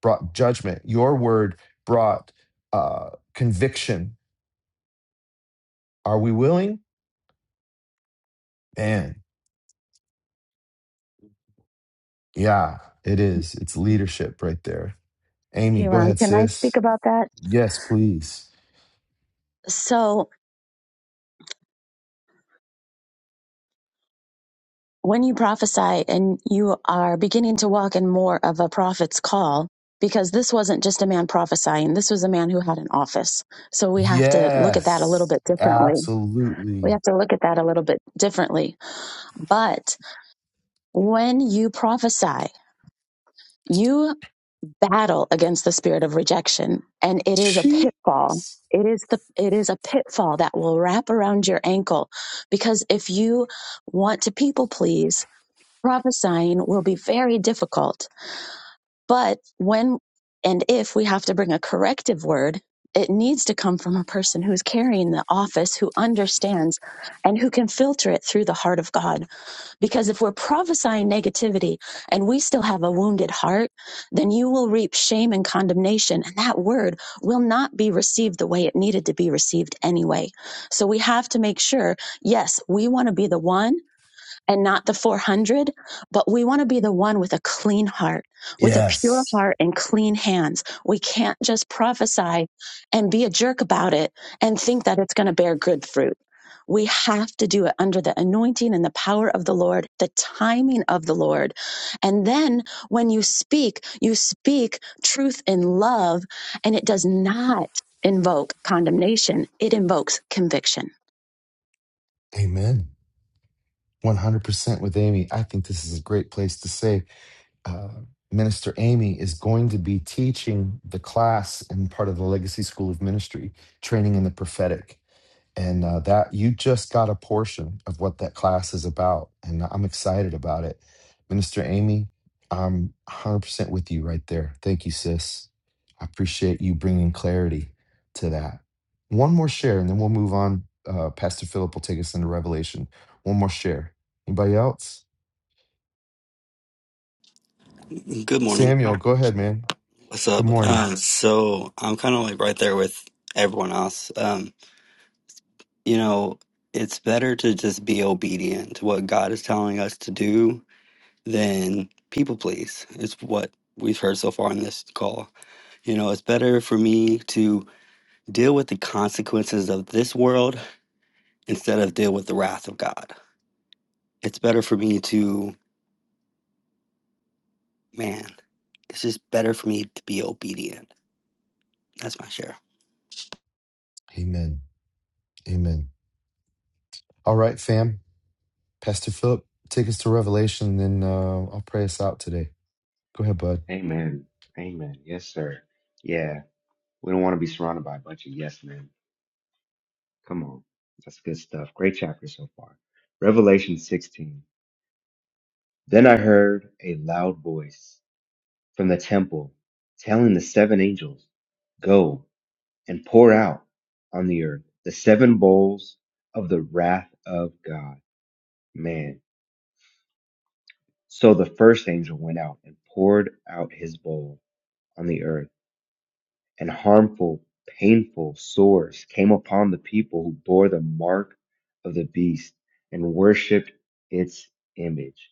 S1: brought judgment? Your word brought uh, conviction. Are we willing? Man, yeah, it is. It's leadership right there. Amy,
S11: hey
S1: go
S11: ron
S1: ahead,
S11: can i speak
S1: sis.
S11: about that
S1: Yes, please.
S11: so when you prophesy and you are beginning to walk in more of a prophet's call, because this wasn't just a man prophesying, this was a man who had an office. So we have to look at that a little
S1: Yes,
S11: bit differently. We
S1: absolutely.
S11: have to look at that a little bit differently. But when you prophesy, you battle against the spirit of rejection and it is a
S1: She,
S11: pitfall. It is the, it is a pitfall that will wrap around your ankle because if you want to people please, prophesying will be very difficult. But when and if we have to bring a corrective word, it needs to come from a person who's carrying the office, who understands and who can filter it through the heart of God. Because if we're prophesying negativity and we still have a wounded heart, then you will reap shame and condemnation. And that word will not be received the way it needed to be received anyway. So we have to make sure, yes, we want to be the one and not the 400, but we want to be the one with a clean heart, with a pure
S1: yes.
S11: heart and clean hands. We can't just prophesy and be a jerk about it and think that it's going to bear good fruit. We have to do it under the anointing and the power of the Lord, the timing of the Lord. And then when you speak, you speak truth in love, and it does not invoke condemnation, it invokes conviction.
S1: Amen. 100% with Amy. I think this is a great place to say uh, Minister Amy is going to be teaching the class in part of the Legacy School of Ministry, training in the prophetic. And uh, that you just got a portion of what that class is about. And I'm excited about it. Minister Amy, I'm 100% with you right there. Thank you, sis. I appreciate you bringing clarity to that. One more share, and then we'll move on. Uh, Pastor Philip will take us into Revelation. One more share. Anybody else?
S13: Good morning.
S1: Samuel, go ahead, man.
S13: What's
S1: Good
S13: up?
S1: morning.
S13: Uh, so I'm kind of like right there with everyone else. Um, you know, it's better to just be obedient to what God is telling us to do than people please. It's what we've heard so far in this call. You know, it's better for me to deal with the consequences of this world instead of deal with the wrath of God. It's better for me to, man, it's just better for me to be obedient. That's my share.
S1: Amen. Amen. All right, fam. Pastor Philip, take us to Revelation, and uh, I'll pray us out today. Go ahead, bud.
S14: Amen. Amen. Yes, sir. Yeah. We don't want to be surrounded by a bunch of yes men. Come on. That's good stuff. Great chapter so far. Revelation 16. Then I heard a loud voice from the temple telling the seven angels, Go and pour out on the earth the seven bowls of the wrath of God. Man. So the first angel went out and poured out his bowl on the earth and harmful, painful sores came upon the people who bore the mark of the beast and worshiped its image.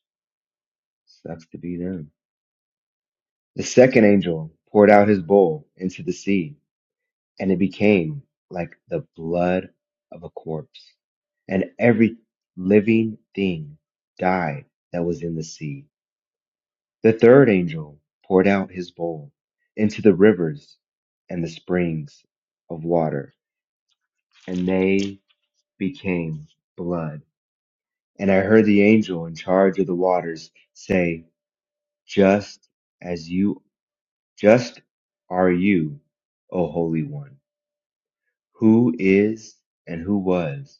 S14: Sucks to be them. The second angel poured out his bowl into the sea, and it became like the blood of a corpse. And every living thing died that was in the sea. The third angel poured out his bowl into the rivers and the springs of water, and they became blood. And I heard the angel in charge of the waters say, Just as you, just are you, O Holy One, who is and who was,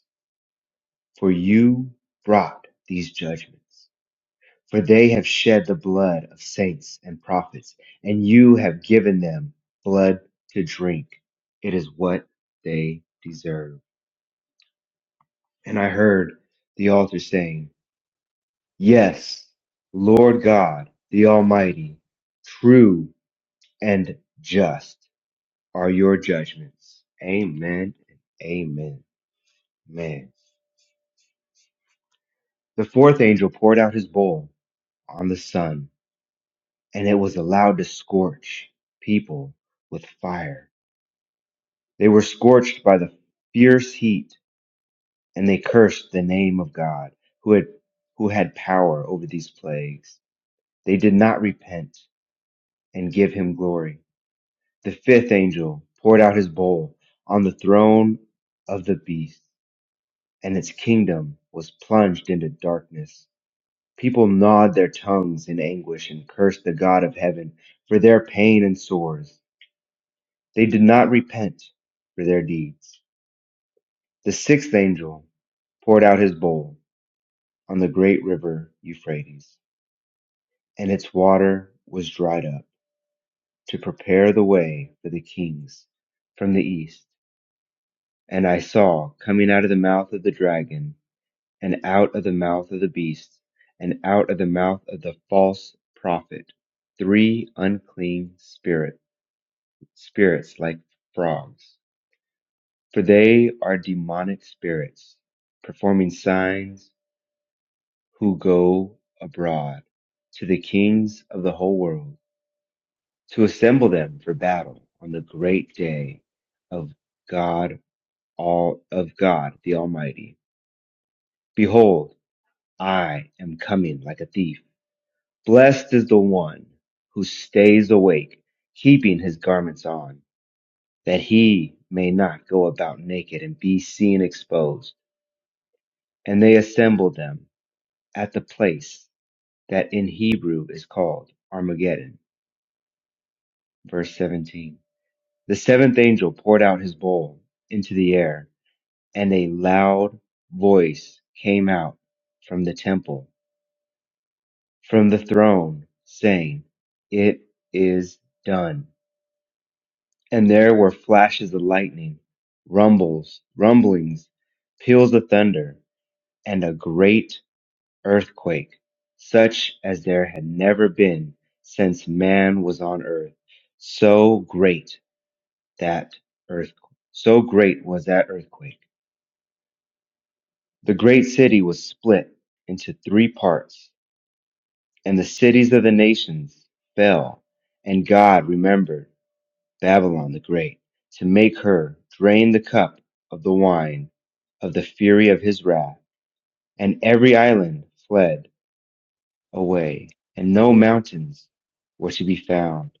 S14: for you brought these judgments. For they have shed the blood of saints and prophets, and you have given them blood to drink. It is what they deserve. And I heard the altar saying, Yes, Lord God, the Almighty, true and just are your judgments. Amen and amen. Man. The fourth angel poured out his bowl on the sun, and it was allowed to scorch people with fire. They were scorched by the fierce heat, and they cursed the name of God, who had who had power over these plagues. They did not repent and give him glory The fifth angel poured out his bowl on the throne of the beast, and its kingdom was plunged into darkness. People gnawed their tongues in anguish and cursed the God of heaven for their pain and sores. They did not repent for their deeds. The sixth angel poured out his bowl on the great river Euphrates, and its water was dried up to prepare the way for the kings from the east. And I saw coming out of the mouth of the dragon, and out of the mouth of the beast, and out of the mouth of the false prophet, three unclean spirit, spirits like frogs. For they are demonic spirits, performing signs who go abroad to the kings of the whole world to assemble them for battle on the great day of God all of God the Almighty. Behold, I am coming like a thief. Blessed is the one who stays awake, keeping his garments on, that he may not go about naked and be seen exposed. And they assembled them at the place that in Hebrew is called Armageddon. Verse 17. The seventh angel poured out his bowl into the air, and a loud voice came out from the temple from the throne, saying, It is done. And there were flashes of lightning, rumbles, rumblings, peals of thunder, and a great earthquake, such as there had never been since man was on earth. So great that earth, so great was that earthquake. The great city was split into three parts, and the cities of the nations fell, and God remembered Babylon the Great, to make her drain the cup of the wine of the fury of his wrath. And every island fled away, and no mountains were to be found.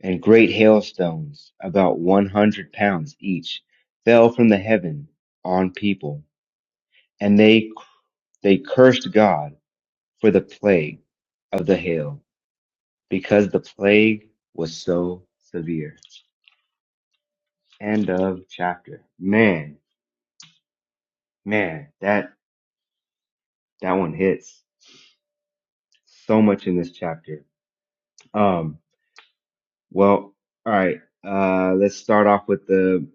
S14: And great hailstones, about one hundred pounds each, fell from the heaven on people. And they, they cursed God for the plague of the hail, because the plague was so severe. End of chapter. Man, man, that That one hits so much in this chapter. Um, well, all right. Uh, let's start off with the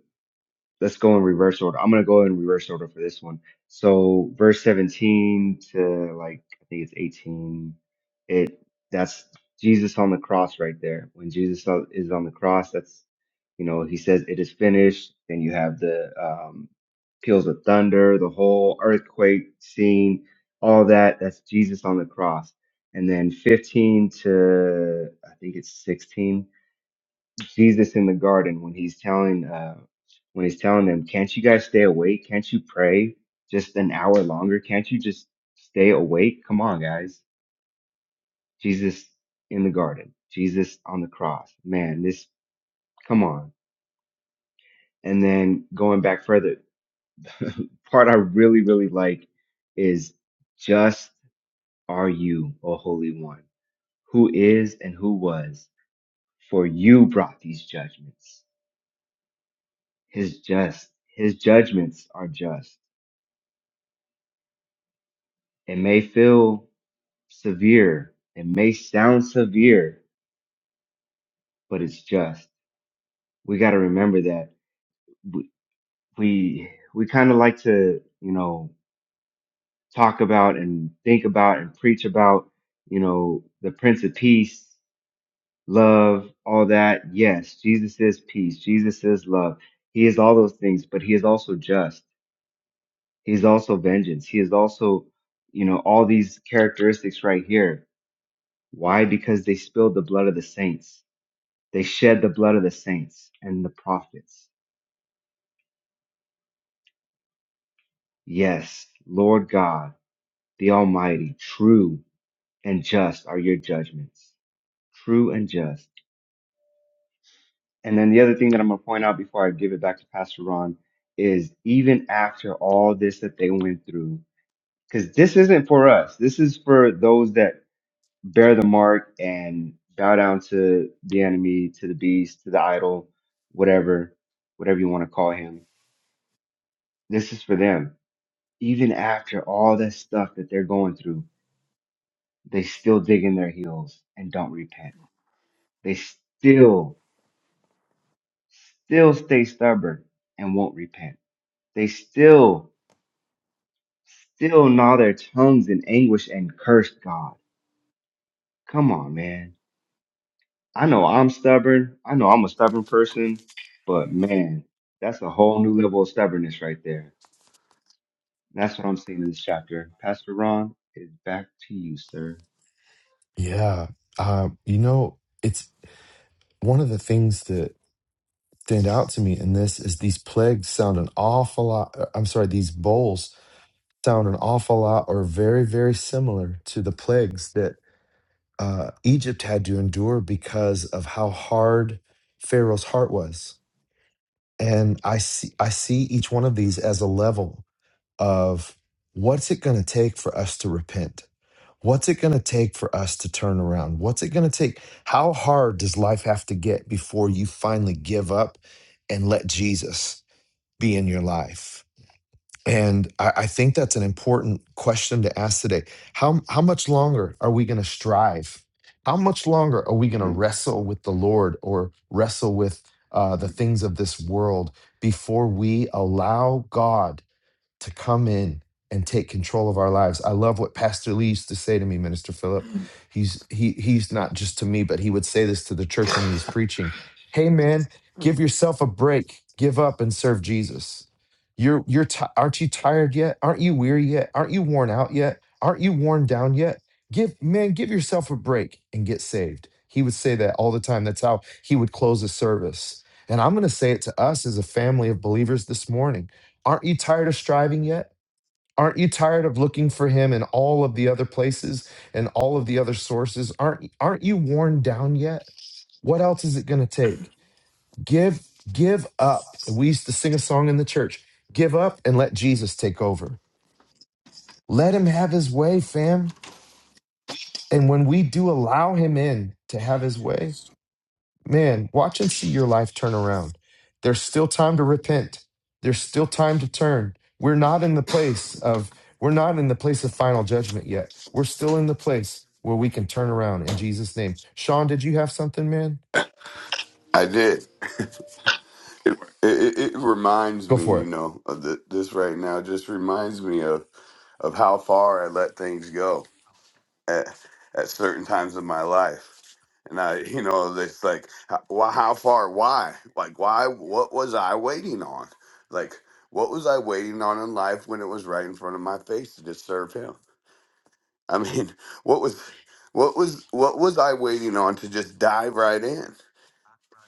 S14: let's go in reverse order. I'm gonna go in reverse order for this one. So verse 17 to like I think it's 18. It that's Jesus on the cross right there. When Jesus on- is on the cross, that's you know he says it is finished. Then you have the um, peals of thunder, the whole earthquake scene, all that. That's Jesus on the cross. And then 15 to I think it's 16 sees this in the garden when he's telling uh when he's telling them, Can't you guys stay awake? Can't you pray just an hour longer? Can't you just stay awake? Come on, guys. Jesus in the garden, Jesus on the cross. Man, this come on. And then going back further, part I really, really like is just are you, O Holy One, who is and who was, for you brought these judgments. His just, his judgments are just. It may feel severe, it may sound severe, but it's just. We got to remember that we we, we kind of like to, you know, talk about and think about and preach about, you know, the Prince of Peace, love, all that. Yes, Jesus is peace. Jesus is love. He is all those things, but he is also just. He is also vengeance. He is also, you know, all these characteristics right here. Why? Because they spilled the blood of the saints They shed the blood of the saints and the prophets. Yes, Lord God, the Almighty, true and just are your judgments. True and just. And then the other thing that I'm going to point out before I give it back to Pastor Ron is even after all this that they went through, because this isn't for us, this is for those that bear the mark and bow down to the enemy, to the beast, to the idol, whatever, whatever you want to call him. This is for them even after all that stuff that they're going through, they still dig in their heels and don't repent. They still, still stay stubborn and won't repent. They still, still gnaw their tongues in anguish and curse God. Come on, man. I know I'm stubborn. I know I'm a stubborn person, but man, that's a whole new level of stubbornness right there. That's what I'm seeing in this chapter. Pastor Ron, it's back to you, sir.
S1: Yeah. Uh, you know, it's one of the things that stand out to me in this is these plagues sound an awful lot. uh, I'm sorry, these bowls sound an awful lot or very, very similar to the plagues that uh, Egypt had to endure because of how hard Pharaoh's heart was. And I see, I see each one of these as a level of what's it going to take for us to repent? What's it going to take for us to turn around? What's it going to take? How hard does life have to get before you finally give up and let Jesus be in your life? And I, I think that's an important question to ask today. How, how much longer are we going to strive? How much longer are we going to wrestle with the Lord or wrestle with uh, the things of this world before we allow God? to come in and take control of our lives. I love what Pastor Lee used to say to me, Minister Philip. He's he he's not just to me, but he would say this to the church when he was preaching. Hey man, give yourself a break. Give up and serve Jesus. You're you're ti aren't you tired yet? Aren't you weary yet? Aren't you worn out yet? Aren't you worn down yet? Give man, give yourself a break and get saved. He would say that all the time. That's how he would close a service. And I'm going to say it to us as a family of believers this morning Aren't you tired of striving yet? Aren't you tired of looking for him in all of the other places and all of the other sources? Aren't aren't you worn down yet? What else is it going to take? Give give up. We used to sing a song in the church. Give up and let Jesus take over. Let him have his way, fam. And when we do allow him in to have his way, Man, watch and see your life turn around. There's still time to repent. There's still time to turn. We're not in the place of we're not in the place of final judgment yet. We're still in the place where we can turn around in Jesus' name. Sean, did you have something, man?
S15: I did. It, it, it reminds
S1: Go
S15: me,
S1: for
S15: you
S1: it.
S15: know, of the, this right now. Just reminds me of of how far I let things go at at certain times of my life. And I, you know, it's like, how, wh- how far? Why? Like, why? What was I waiting on? Like, what was I waiting on in life when it was right in front of my face to just serve Him? I mean, what was, what was, what was I waiting on to just dive right in?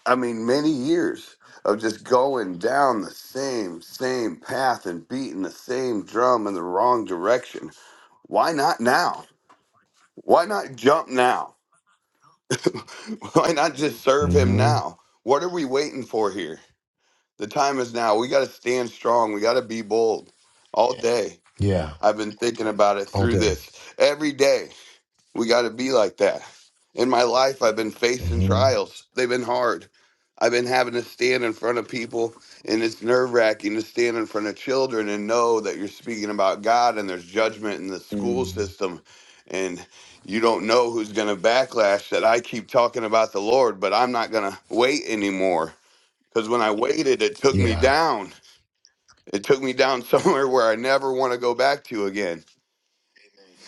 S15: I mean, many years of just going down the same, same path and beating the same drum in the wrong direction. Why not now? Why not jump now? Why not just serve him
S1: Mm-hmm.
S15: now? What are we waiting for here? The time is now. We got to stand strong. We got to be bold all Yeah. day.
S1: Yeah.
S15: I've been thinking about it
S1: All
S15: through
S1: day.
S15: this every day. We got to be like that. In my life, I've been facing
S1: Mm-hmm.
S15: trials. They've been hard. I've been having to stand in front of people, and it's nerve wracking to stand in front of children and know that you're speaking about God and there's judgment in the school
S1: Mm.
S15: system. And you don't know who's going to backlash that I keep talking about the Lord, but I'm not going to wait anymore. Because when I waited, it took me
S1: Yeah.
S15: down. It took me down somewhere where I never want to go back to again.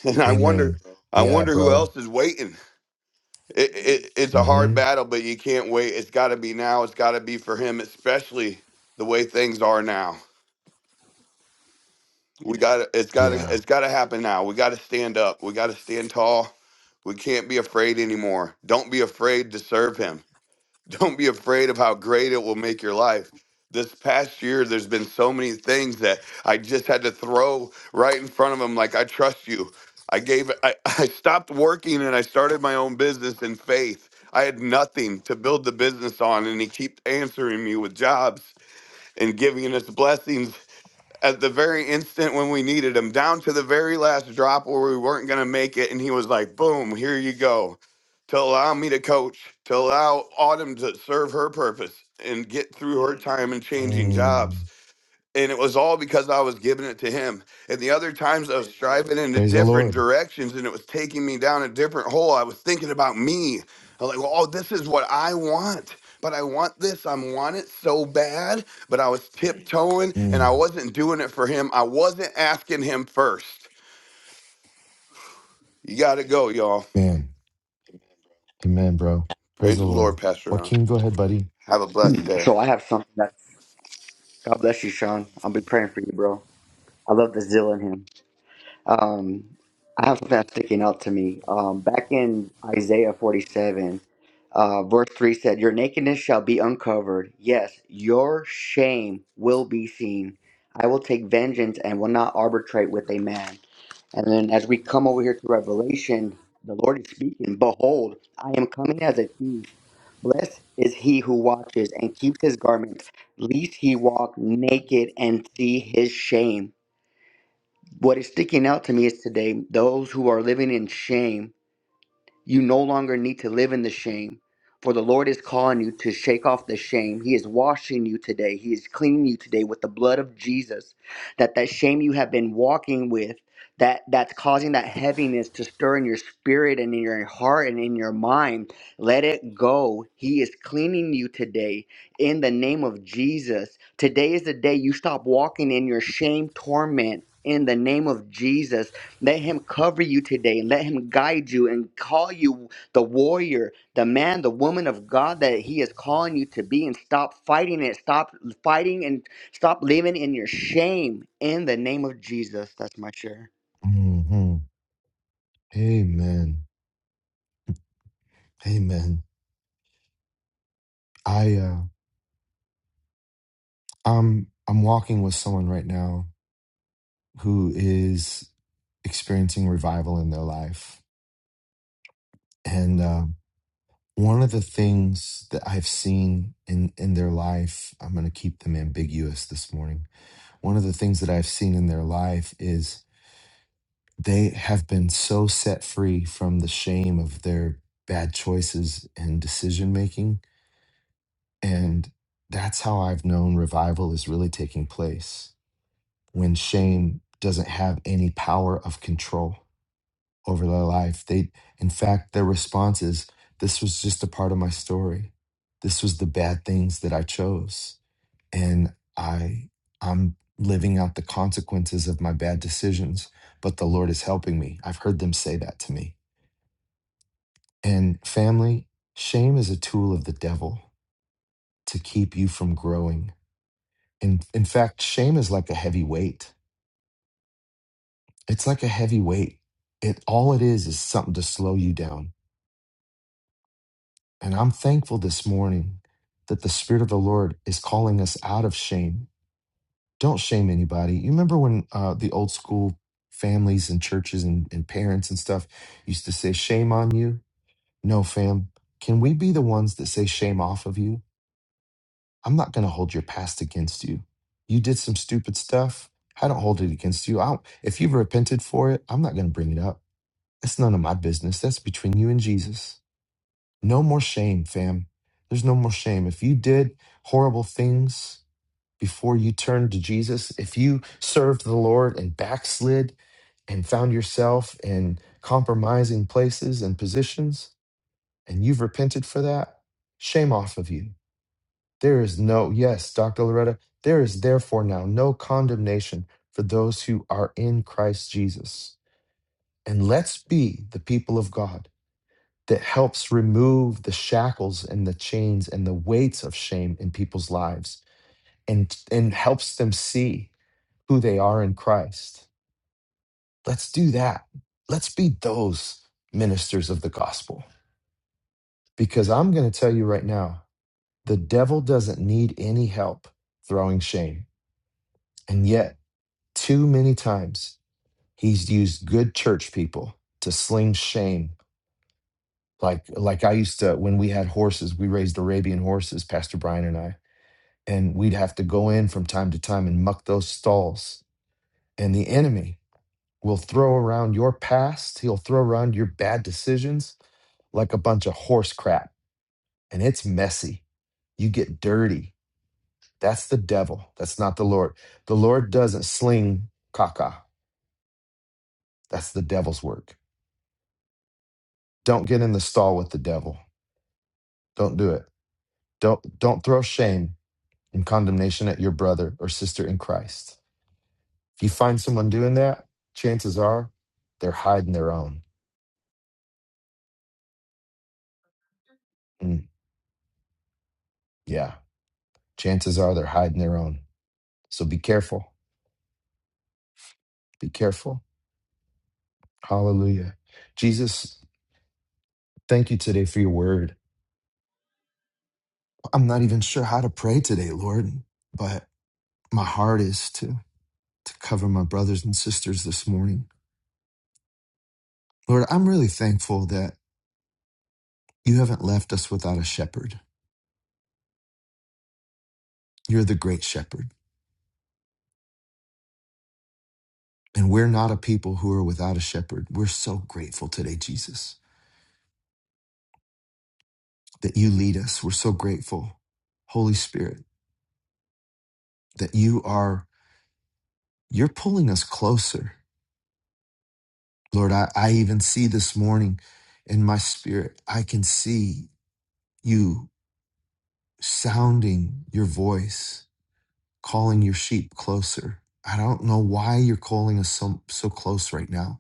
S15: And I wonder,
S1: Amen.
S15: I
S1: Yeah,
S15: wonder who
S1: bro.
S15: else is waiting it, it it's a hard
S1: Mm-hmm.
S15: battle, but you can't wait. It's got to be now. It's got to be for him, especially the way things are now. We got to it's got to
S1: Yeah.
S15: it's got to happen now. We got to stand up. We got to stand tall. We can't be afraid anymore. Don't be afraid to serve him. Don't be afraid of how great it will make your life. This past year, there's been so many things that I just had to throw right in front of him. Like, I trust you. I gave, I, I stopped working and I started my own business in faith. I had nothing to build the business on, and he keeps answering me with jobs and giving us blessings at the very instant when we needed him, down to the very last drop where we weren't going to make it. And he was like, boom, here you go. To allow me to coach, to allow Autumn to serve her purpose and get through her time and changing jobs
S1: Mm.
S15: and it was all because I was giving it to him. And the other times I was striving into
S1: Praise the
S15: different
S1: Lord.
S15: directions and it was taking me down a different hole. I was thinking about me. I'm like, "Well, oh, this is what I want. But I want this. I want it so bad. But I was tiptoeing and
S1: Mm.
S15: I wasn't doing it for him. I wasn't asking him first. You got to go, y'all.
S1: Man. Amen, bro. Praise
S15: Praise
S1: the
S15: the Lord,
S1: Lord.
S15: Pastor Ron.
S1: Joaquin, go ahead, buddy.
S15: Have a blessed day.
S3: So I have something that's God bless you, Sean. I'll be praying for you, bro. I love the zeal in him. Um, I have something that's sticking out to me. Um, back in Isaiah 47, uh, verse 3 said, Your nakedness shall be uncovered. Yes, your shame will be seen. I will take vengeance and will not arbitrate with a man. And then as we come over here to Revelation, the Lord is speaking, Behold, I am coming as a thief. Blessed is he who watches and keeps his garment, lest he walk naked and see his shame. What is sticking out to me is today those who are living in shame you no longer need to live in the shame, for the Lord is calling you to shake off the shame. He is washing you today. He is cleaning you today with the blood of Jesus. That that shame you have been walking with, that that's causing that heaviness to stir in your spirit and in your heart and in your mind. Let it go. He is cleaning you today in the name of Jesus. Today is the day you stop walking in your shame torment. In the name of Jesus, let him cover you today and let him guide you and call you the warrior, the man, the woman of God that he is calling you to be and stop fighting it. Stop fighting and stop living in your shame in the name of Jesus. That's my share.
S1: hmm Amen. Amen. I uh, I'm I'm walking with someone right now who is experiencing revival in their life, and uh, one of the things that I've seen in in their life, I'm going to keep them ambiguous this morning. One of the things that I've seen in their life is they have been so set free from the shame of their bad choices and decision making And that's how I've known revival is really taking place when shame doesn't have any power of control over their life. They, in fact, their response is, This was just a part of my story. This was the bad things that I chose. And I, I'm living out the consequences of my bad decisions, but the Lord is helping me. I've heard them say that to me. And family, shame is a tool of the devil to keep you from growing In in fact, shame is like a heavy weight. It's like a heavy weight. It all it is is something to slow you down. And I'm thankful this morning that the Spirit of the Lord is calling us out of shame. Don't shame anybody. You remember when uh, the old school families and churches and, and parents and stuff used to say, "Shame on you." No, fam. Can we be the ones that say shame off of you? I'm not going to hold your past against you. You did some stupid stuff. I don't hold it against you. I don't, if you've repented for it, I'm not going to bring it up. It's none of my business. That's between you and Jesus. No more shame, fam. There's no more shame. If you did horrible things before you turned to Jesus, if you served the Lord and backslid and found yourself in compromising places and positions, and you've repented for that, shame off of you there is no, yes, Dr. Loretta, there is therefore now no condemnation for those who are in Christ Jesus. And let's be the people of God that helps remove the shackles and the chains and the weights of shame in people's lives and, and helps them see who they are in Christ. Let's do that. Let's be those ministers of the gospel. Because I'm going to tell you right now, the devil doesn't need any help throwing shame. And yet, Too many times he's used good church people to sling shame. Like like I used to when we had horses, we raised Arabian horses, Pastor Brian and I, and we'd have to go in from time to time and muck those stalls. And the enemy will throw around your past, he'll throw around your bad decisions like a bunch of horse crap, and it's messy. You get dirty. That's the devil. That's not the Lord. The Lord doesn't sling caca. That's the devil's work. Don't get in the stall with the devil. Don't do it. Don't don't throw shame and condemnation at your brother or sister in Christ. If you find someone doing that, chances are they're hiding their own. Mm, yeah, chances are they're hiding their own. So be careful. Be careful. Hallelujah. Jesus, thank you today for your word. I'm not even sure how to pray today, Lord, but my heart is to to cover my brothers and sisters this morning. Lord, I'm really thankful that You haven't left us without a shepherd. You're the great shepherd. And we're not a people who are without a shepherd. We're so grateful today, Jesus, that you lead us. We're so grateful, Holy Spirit, that you are, you're pulling us closer. Lord, I, I even see this morning in my spirit, I can see you sounding your voice, calling your sheep closer. I don't know why you're calling us so, so close right now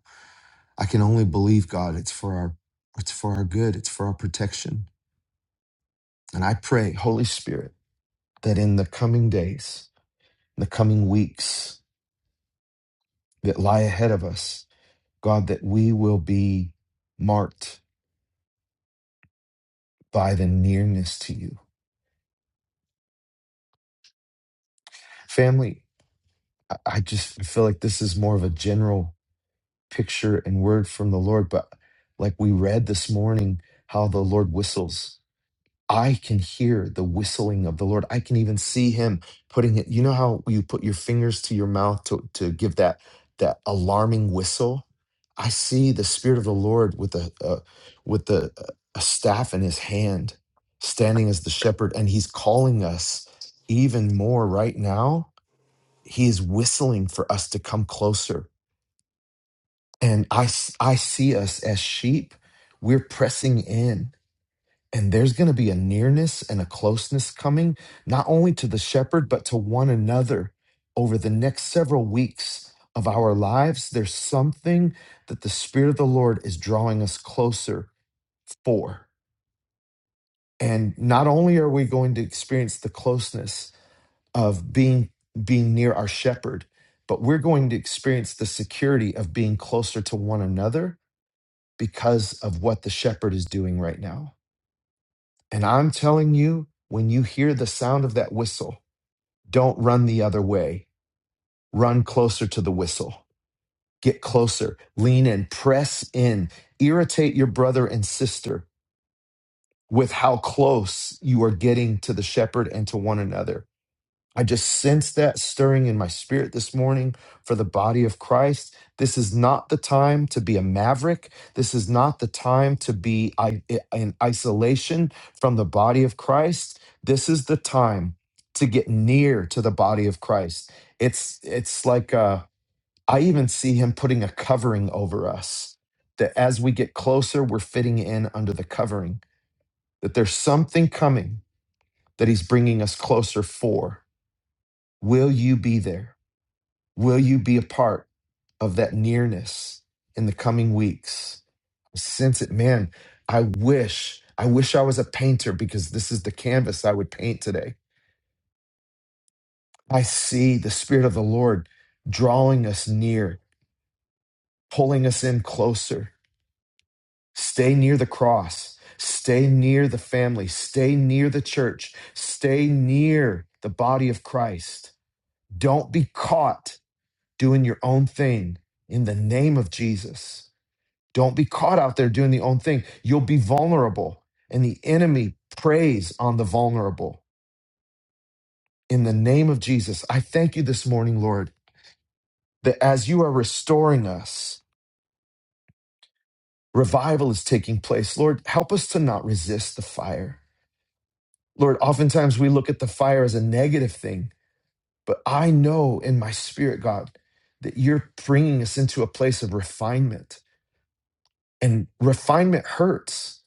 S1: I can only believe God. It's for our it's for our good. It's for our protection. And I pray, Holy Spirit, that in the coming days, the coming weeks that lie ahead of us, God, that we will be marked by the nearness to you. Family, I I just feel like this is more of a general picture and word from the Lord, but like we read this morning, how the Lord whistles I can hear the whistling of the Lord. I can even see him putting it. You know how you put your fingers to your mouth to, to give that that alarming whistle? I see the spirit of the Lord with a, a with the a staff in his hand, standing as the shepherd and he's calling us even more right now. He is whistling for us to come closer. And I s- I see us as sheep. We're pressing in and there's going to be a nearness and a closeness coming, not only to the shepherd, but to one another over the next several weeks of our lives. There's something that the Spirit of the Lord is drawing us closer for. And not only are we going to experience the closeness of being, being near our shepherd, but we're going to experience the security of being closer to one another because of what the shepherd is doing right now. And I'm telling you, when you hear the sound of that whistle, don't run the other way. Run closer to the whistle. Get closer, lean in, press in, irritate your brother and sister with how close you are getting to the shepherd and to one another. I just sense that stirring in my spirit this morning for the body of Christ. This is not the time to be a maverick. This is not the time to be i- in isolation from the body of Christ. This is the time to get near to the body of Christ. It's it's like uh, I even see him putting a covering over us. That as we get closer, we're fitting in under the covering. That there's something coming that he's bringing us closer for. Will you be there? Will you be a part of that nearness in the coming weeks? I sense it, man. I wish, I wish I was a painter because this is the canvas I would paint today. I see the Spirit of the Lord drawing us near, pulling us in closer. Stay near the cross, stay near the family, stay near the church, stay near the body of Christ. Don't be caught doing your own thing in the name of Jesus. Don't be caught out there doing the own thing. You'll be vulnerable, and the enemy preys on the vulnerable. In the name of Jesus, I thank you this morning, Lord, that as you are restoring us, revival is taking place. Lord, help us to not resist the fire. Lord, oftentimes we look at the fire as a negative thing, but I know in my spirit, God, that you're bringing us into a place of refinement. And refinement hurts,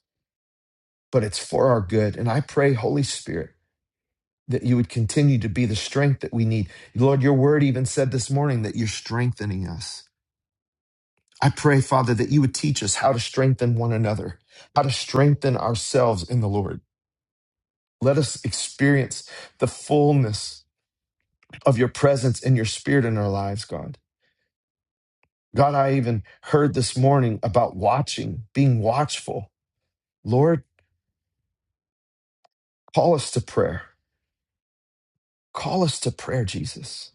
S1: but it's for our good. And I pray, Holy Spirit, that you would continue to be the strength that we need. Lord, your word even said this morning that you're strengthening us. I pray, Father, that you would teach us how to strengthen one another, how to strengthen ourselves in the Lord. Let us experience the fullness of your presence and your spirit in our lives, God. God, I even heard this morning about watching, being watchful. Lord, call us to prayer. Call us to prayer, Jesus.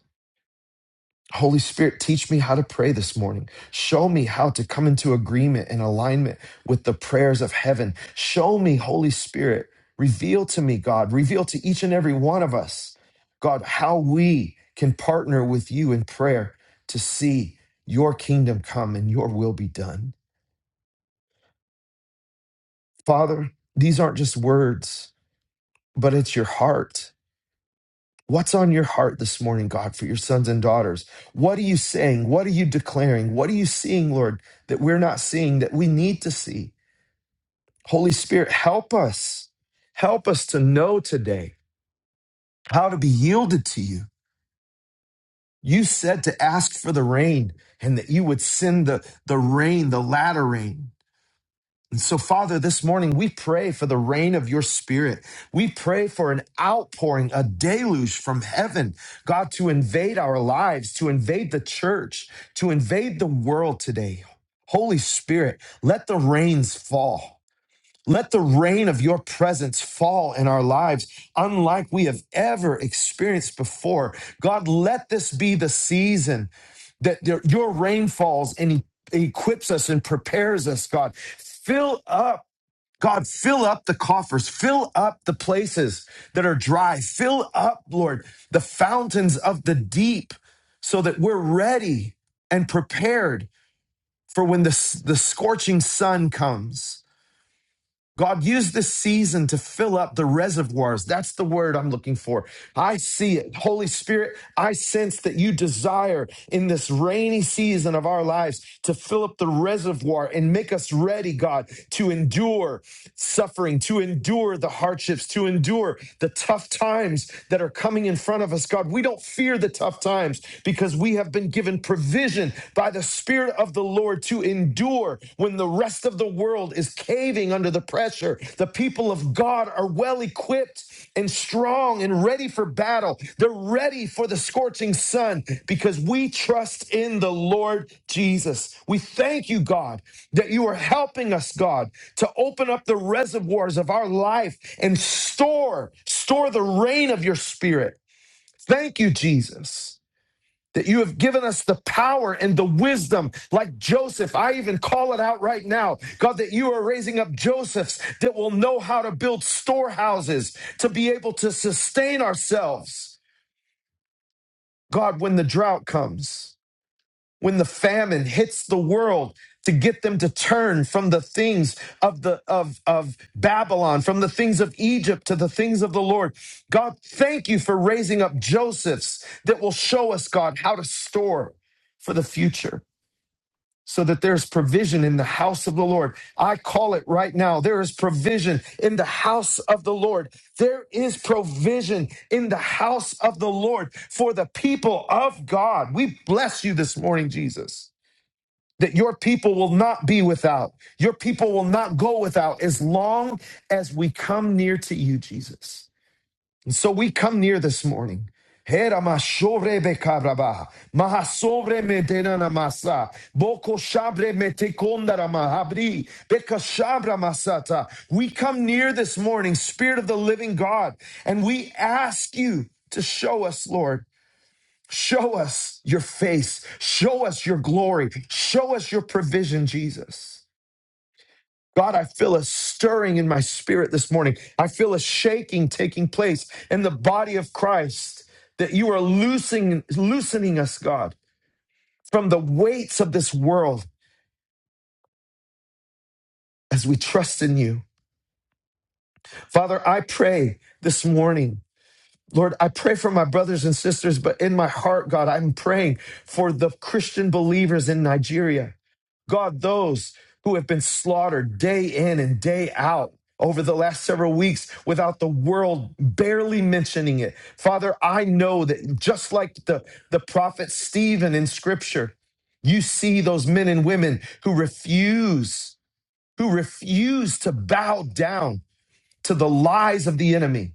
S1: Holy Spirit, teach me how to pray this morning. Show me how to come into agreement and alignment with the prayers of heaven. Show me, Holy Spirit, reveal to me, God, reveal to each and every one of us, God, how we can partner with you in prayer to see your kingdom come and your will be done. Father, these aren't just words, but it's your heart. What's on your heart this morning, God, for your sons and daughters? What are you saying? What are you declaring? What are you seeing, Lord, that we're not seeing that we need to see? Holy Spirit, help us. Help us to know today how to be yielded to you. You said to ask for the rain and that you would send the, the rain, the latter rain. And so, Father, this morning we pray for the rain of your spirit. We pray for an outpouring, a deluge from heaven, God, to invade our lives, to invade the church, to invade the world today. Holy Spirit, let the rains fall. Let the rain of your presence fall in our lives, unlike we have ever experienced before. God, let this be the season that there- your rain falls and e- equips us and prepares us, God. Fill up. God, fill up the coffers, fill up the places that are dry, fill up, Lord, the fountains of the deep so that we're ready and prepared for when the, s- the scorching sun comes. God use this season to fill up the reservoirs. That's the word I'm looking for. I see it. Holy Spirit, I sense that you desire in this rainy season of our lives to fill up the reservoir and make us ready, God, to endure suffering, to endure the hardships, to endure the tough times that are coming in front of us, God. We don't fear the tough times because we have been given provision by the Spirit of the Lord to endure when the rest of the world is caving under the pressure. The people of God are well equipped and strong and ready for battle. They're ready for the scorching sun because we trust in the Lord Jesus. We thank you, God, that you are helping us, God, to open up the reservoirs of our life and store, store the rain of your Spirit. Thank you, Jesus that you have given us the power and the wisdom, like Joseph. I even call it out right now, God, that you are raising up Josephs that will know how to build storehouses to be able to sustain ourselves, God, when the drought comes when the famine hits the world to get them to turn from the things of the of of Babylon from the things of Egypt to the things of the Lord. God, thank you for raising up Josephs that will show us God how to store for the future so that there's provision in the house of the Lord. I call it right now. There is provision in the house of the Lord. There is provision in the house of the Lord for the people of God. We bless you this morning, Jesus that your people will not be without. Your people will not go without as long as we come near to you, Jesus. And so we come near this morning. Hera mashore be kabraba, mahasobre me denana masa, boko shabre me te mahabri, beka shabra masata. We come near this morning, Spirit of the living God, and we ask you to show us, Lord. Show us your face. Show us your glory. Show us your provision, Jesus. God, I feel a stirring in my spirit this morning. I feel a shaking taking place in the body of Christ that you are loosening, loosening us, God, from the weights of this world as we trust in you. Father, I pray this morning Lord, I pray for my brothers and sisters, but in my heart, God, I'm praying for the Christian believers in Nigeria. God, those who have been slaughtered day in and day out over the last several weeks without the world barely mentioning it. Father, I know that just like the, the prophet Stephen in scripture, you see those men and women who refuse, who refuse to bow down to the lies of the enemy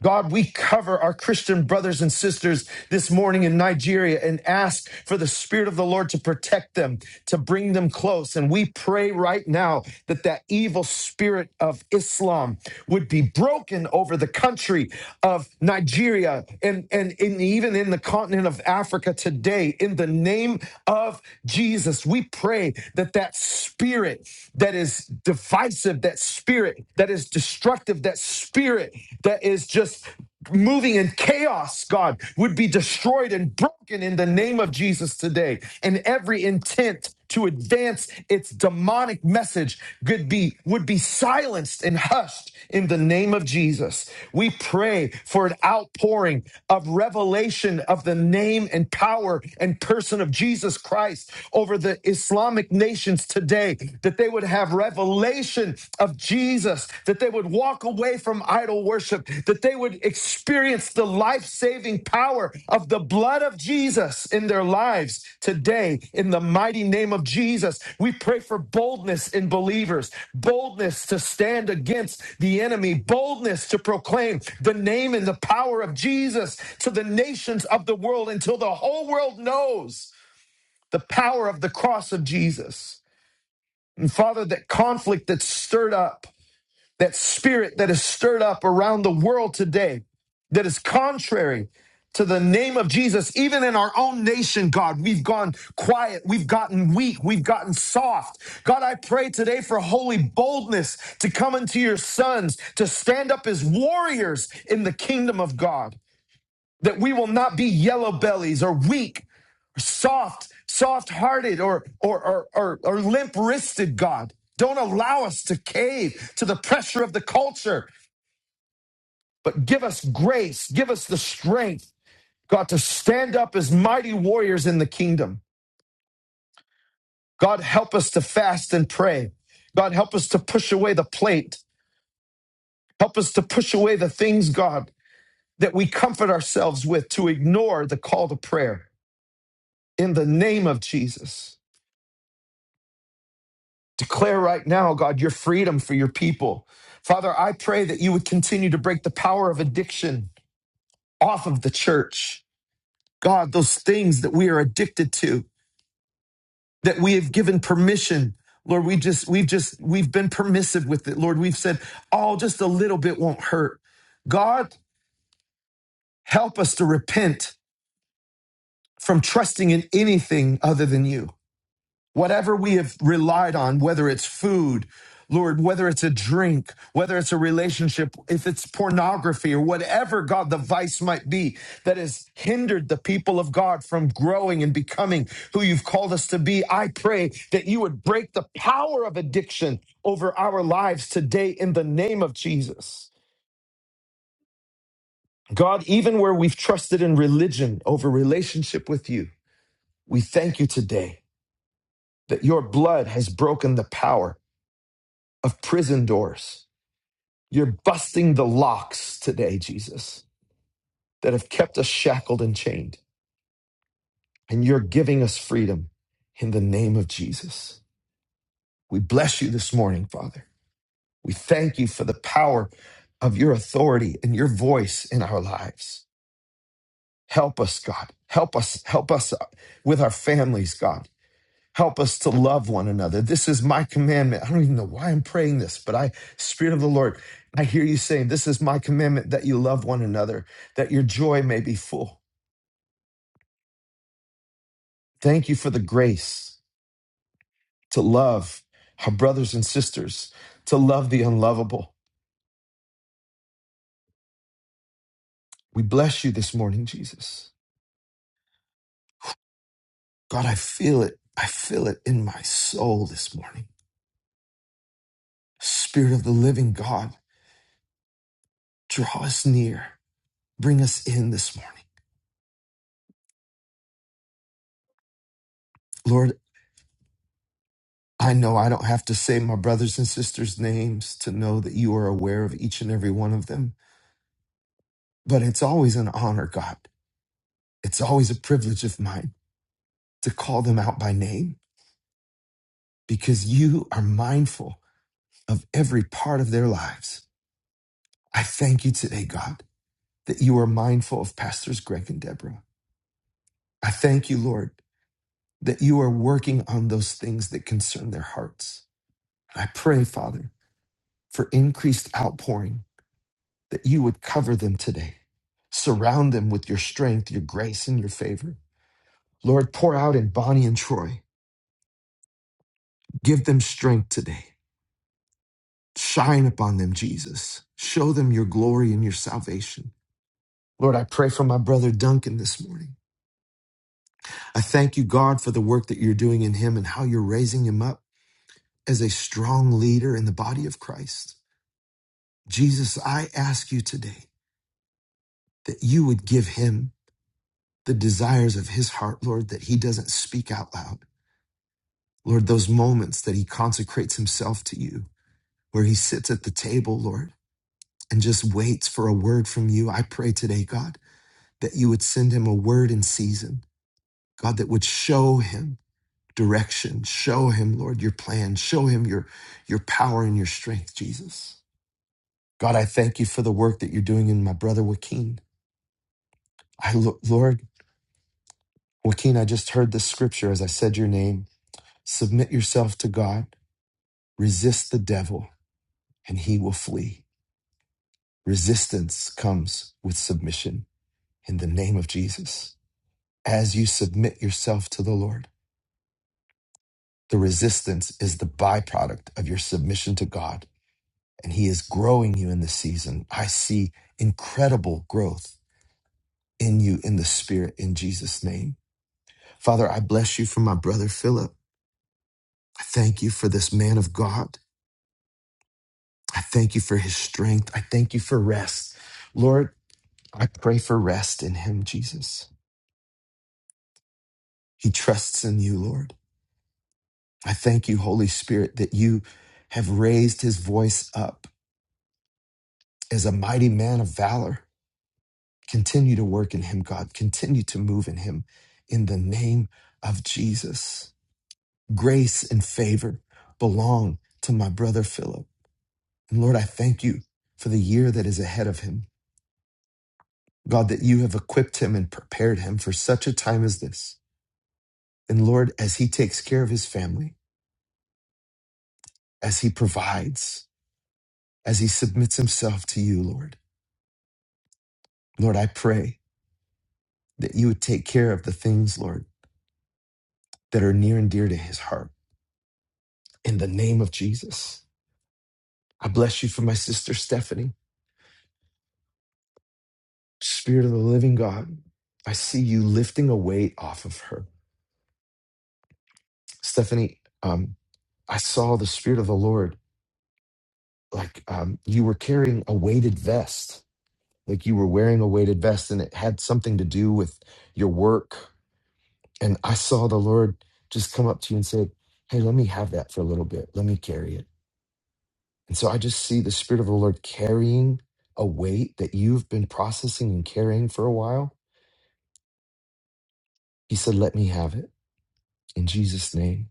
S1: God, we cover our Christian brothers and sisters this morning in Nigeria and ask for the Spirit of the Lord to protect them, to bring them close. And we pray right now that that evil spirit of Islam would be broken over the country of Nigeria and, and in, even in the continent of Africa today. In the name of Jesus, we pray that that spirit that is divisive, that spirit that is destructive, that spirit that is just moving in chaos, God, would be destroyed and broken in the name of Jesus today. And every intent to advance its demonic message could be would be silenced and hushed in the name of Jesus. We pray for an outpouring of revelation of the name and power and person of Jesus Christ over the Islamic nations today, that they would have revelation of Jesus, that they would walk away from idol worship, that they would experience the life saving power of the blood of Jesus in their lives today, in the mighty name of Jesus. We pray for boldness in believers, boldness to stand against the enemy, boldness to proclaim the name and the power of Jesus to the nations of the world until the whole world knows the power of the cross of Jesus. And Father, that conflict that's stirred up, that spirit that is stirred up around the world today, that is contrary to the name of Jesus, even in our own nation, God, we've gone quiet, we've gotten weak, we've gotten soft. God, I pray today for holy boldness to come into your sons, to stand up as warriors in the kingdom of God, that we will not be yellow bellies or weak soft, soft-hearted or or or or, or limp-wristed God. Don't allow us to cave to the pressure of the culture, but give us grace, give us the strength, God, to stand up as mighty warriors in the kingdom. God, help us to fast and pray. God, help us to push away the plate. Help us to push away the things, God, that we comfort ourselves with to ignore the call to prayer in the name of Jesus. Declare right now, God, your freedom for your people. Father, I pray that you would continue to break the power of addiction off of the church. God, those things that we are addicted to, that we have given permission. Lord, we just, we've just, we've been permissive with it. Lord, we've said, oh, just a little bit won't hurt. God, help us to repent from trusting in anything other than you. Whatever we have relied on, whether it's food, Lord, whether it's a drink, whether it's a relationship, if it's pornography or whatever, God, the vice might be that has hindered the people of God from growing and becoming who you've called us to be, I pray that you would break the power of addiction over our lives today in the name of Jesus. God, even where we've trusted in religion over relationship with you, we thank you today that your blood has broken the power of prison doors. You're busting the locks today, Jesus, that have kept us shackled and chained. And you're giving us freedom in the name of Jesus. We bless you this morning, Father. We thank you for the power of your authority and your voice in our lives. Help us, God. Help us. Help us uh, with our families, God. Help us to love one another. This is my commandment. I don't even know why I'm praying this, but I, Spirit of the Lord, I hear you saying, This is my commandment that you love one another, that your joy may be full. Thank you for the grace to love our brothers and sisters, to love the unlovable. We bless you this morning, Jesus. God, I feel it. I feel it in my soul this morning. Spirit of the living God, draw us near, bring us in this morning. Lord, I know I don't have to say my brothers and sisters' names to know that you are aware of each and every one of them, but it's always an honor, God. It's always a privilege of mine to call them out by name because you are mindful of every part of their lives. I thank you today, God, that you are mindful of Pastors Greg and Deborah. I thank you, Lord, that you are working on those things that concern their hearts. I pray, Father, for increased outpouring that you would cover them today. Surround them with your strength, your grace, and your favor. Lord, pour out in Bonnie and Troy. Give them strength today. Shine upon them, Jesus. Show them your glory and your salvation. Lord, I pray for my brother Duncan this morning. I thank you, God, for the work that you're doing in him and how you're raising him up as a strong leader in the body of Christ. Jesus, I ask you today that you would give him the desires of his heart, Lord, that he doesn't speak out loud Lord, those moments that he consecrates himself to you, where he sits at the table, Lord, and just waits for a word from you. I pray today, God, that you would send him a word in season, God, that would show him direction, show him, Lord, your plan, show him your, your power and your strength, Jesus. God, I thank you for the work that you're doing in my brother Joaquin. I look, Lord, Joaquin, I just heard this scripture as I said your name. Submit yourself to God, resist the devil, and he will flee. Resistance comes with submission in the name of Jesus. As you submit yourself to the Lord, the resistance is the byproduct of your submission to God, and He is growing you in this season. I see incredible growth in you in the Spirit in Jesus' name. Father, I bless you for my brother Philip. I thank you for this man of God. I thank you for his strength. I thank you for rest. Lord, I pray for rest in him, Jesus. He trusts in you, Lord. I thank you, Holy Spirit, that you have raised his voice up as a mighty man of valor. Continue to work in him, God. Continue to move in him in the name of Jesus. Grace and favor belong to my brother Philip. And Lord, I thank you for the year that is ahead of him. God, that you have equipped him and prepared him for such a time as this. And Lord, as he takes care of his family, as he provides, as he submits himself to you, Lord, Lord, I pray that you would take care of the things, Lord, that are near and dear to his heart. In the name of Jesus, I bless you for my sister Stephanie, Spirit of the living God. I see you lifting a weight off of her. Stephanie, um, I saw the Spirit of the Lord like um, you were carrying a weighted vest, like you were wearing a weighted vest, and it had something to do with your work. And I saw the Lord just come up to you and say, Hey, let me have that for a little bit. Let me carry it And so I just see the Spirit of the Lord carrying a weight that you've been processing and carrying for a while. He said, Let me have it in Jesus' name.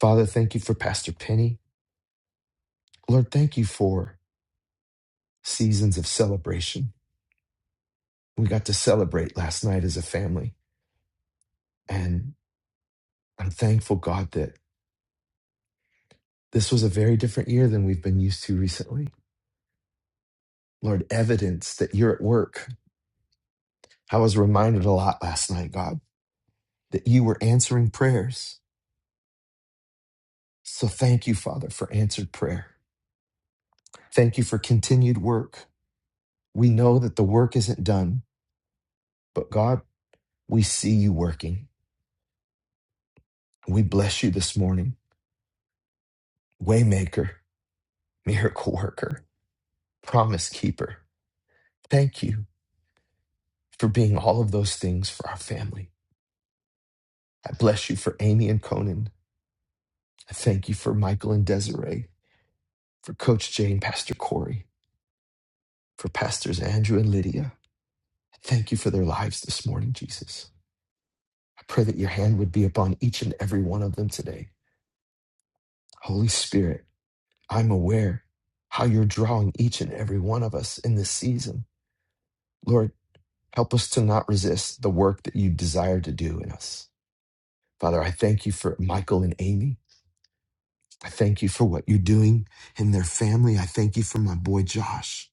S1: Father, thank you for Pastor Penny. Lord, thank you for seasons of celebration. We got to celebrate last night as a family. And I'm thankful, God, that this was a very different year than we've been used to recently. Lord, evidence that you're at work. I was reminded a lot last night, God, that you were answering prayers. So thank you, Father, for answered prayer. Thank you for continued work. We know that the work isn't done, but God, we see you working. We bless you this morning. Waymaker, miracle worker, promise keeper. Thank you for being all of those things for our family. I bless you for Amy and Conan. I thank you for Michael and Desiree, for Coach Jay and Pastor Corey, for Pastors Andrew and Lydia. I Thank you for their lives this morning, Jesus. I pray that your hand would be upon each and every one of them today. Holy Spirit, I'm aware how you're drawing each and every one of us in this season. Lord, help us to not resist the work that you desire to do in us. Father, I thank you for Michael and Amy. I thank you for what you're doing in their family. I thank you for my boy Josh.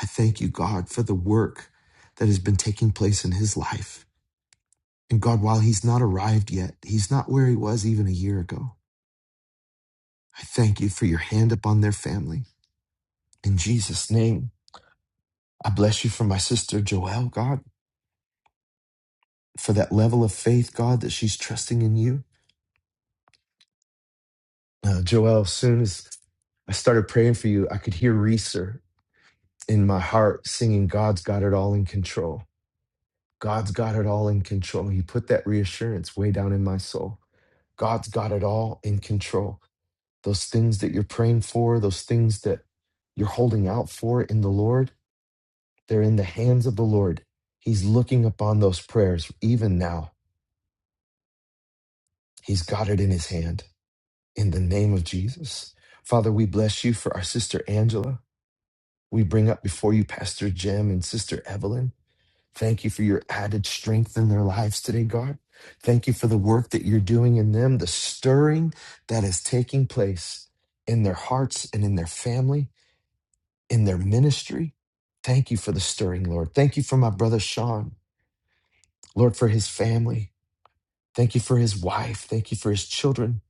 S1: I thank you, God, for the work that has been taking place in his life. And God, while he's not arrived yet, he's not where he was even a year ago. I thank you for your hand upon their family. In Jesus' name, I bless you for my sister Joelle, God. for that level of faith, God, that she's trusting in you. Uh, Joel, as soon as I started praying for you, I could hear Reeser in my heart singing, God's got it all in control. God's got it all in control. He put that reassurance way down in my soul. God's got it all in control. Those things that you're praying for, those things that you're holding out for in the Lord, they're in the hands of the Lord. He's looking upon those prayers even now. He's got it in his hand. In the name of Jesus. Father, we bless you for our sister Angela. We bring up before you Pastor Jim and Sister Evelyn. Thank you for your added strength in their lives today, God. Thank you for the work that you're doing in them, the stirring that is taking place in their hearts and in their family, in their ministry. Thank you for the stirring, Lord. Thank you for my brother Sean, Lord, for his family. Thank you for his wife. Thank you for his children.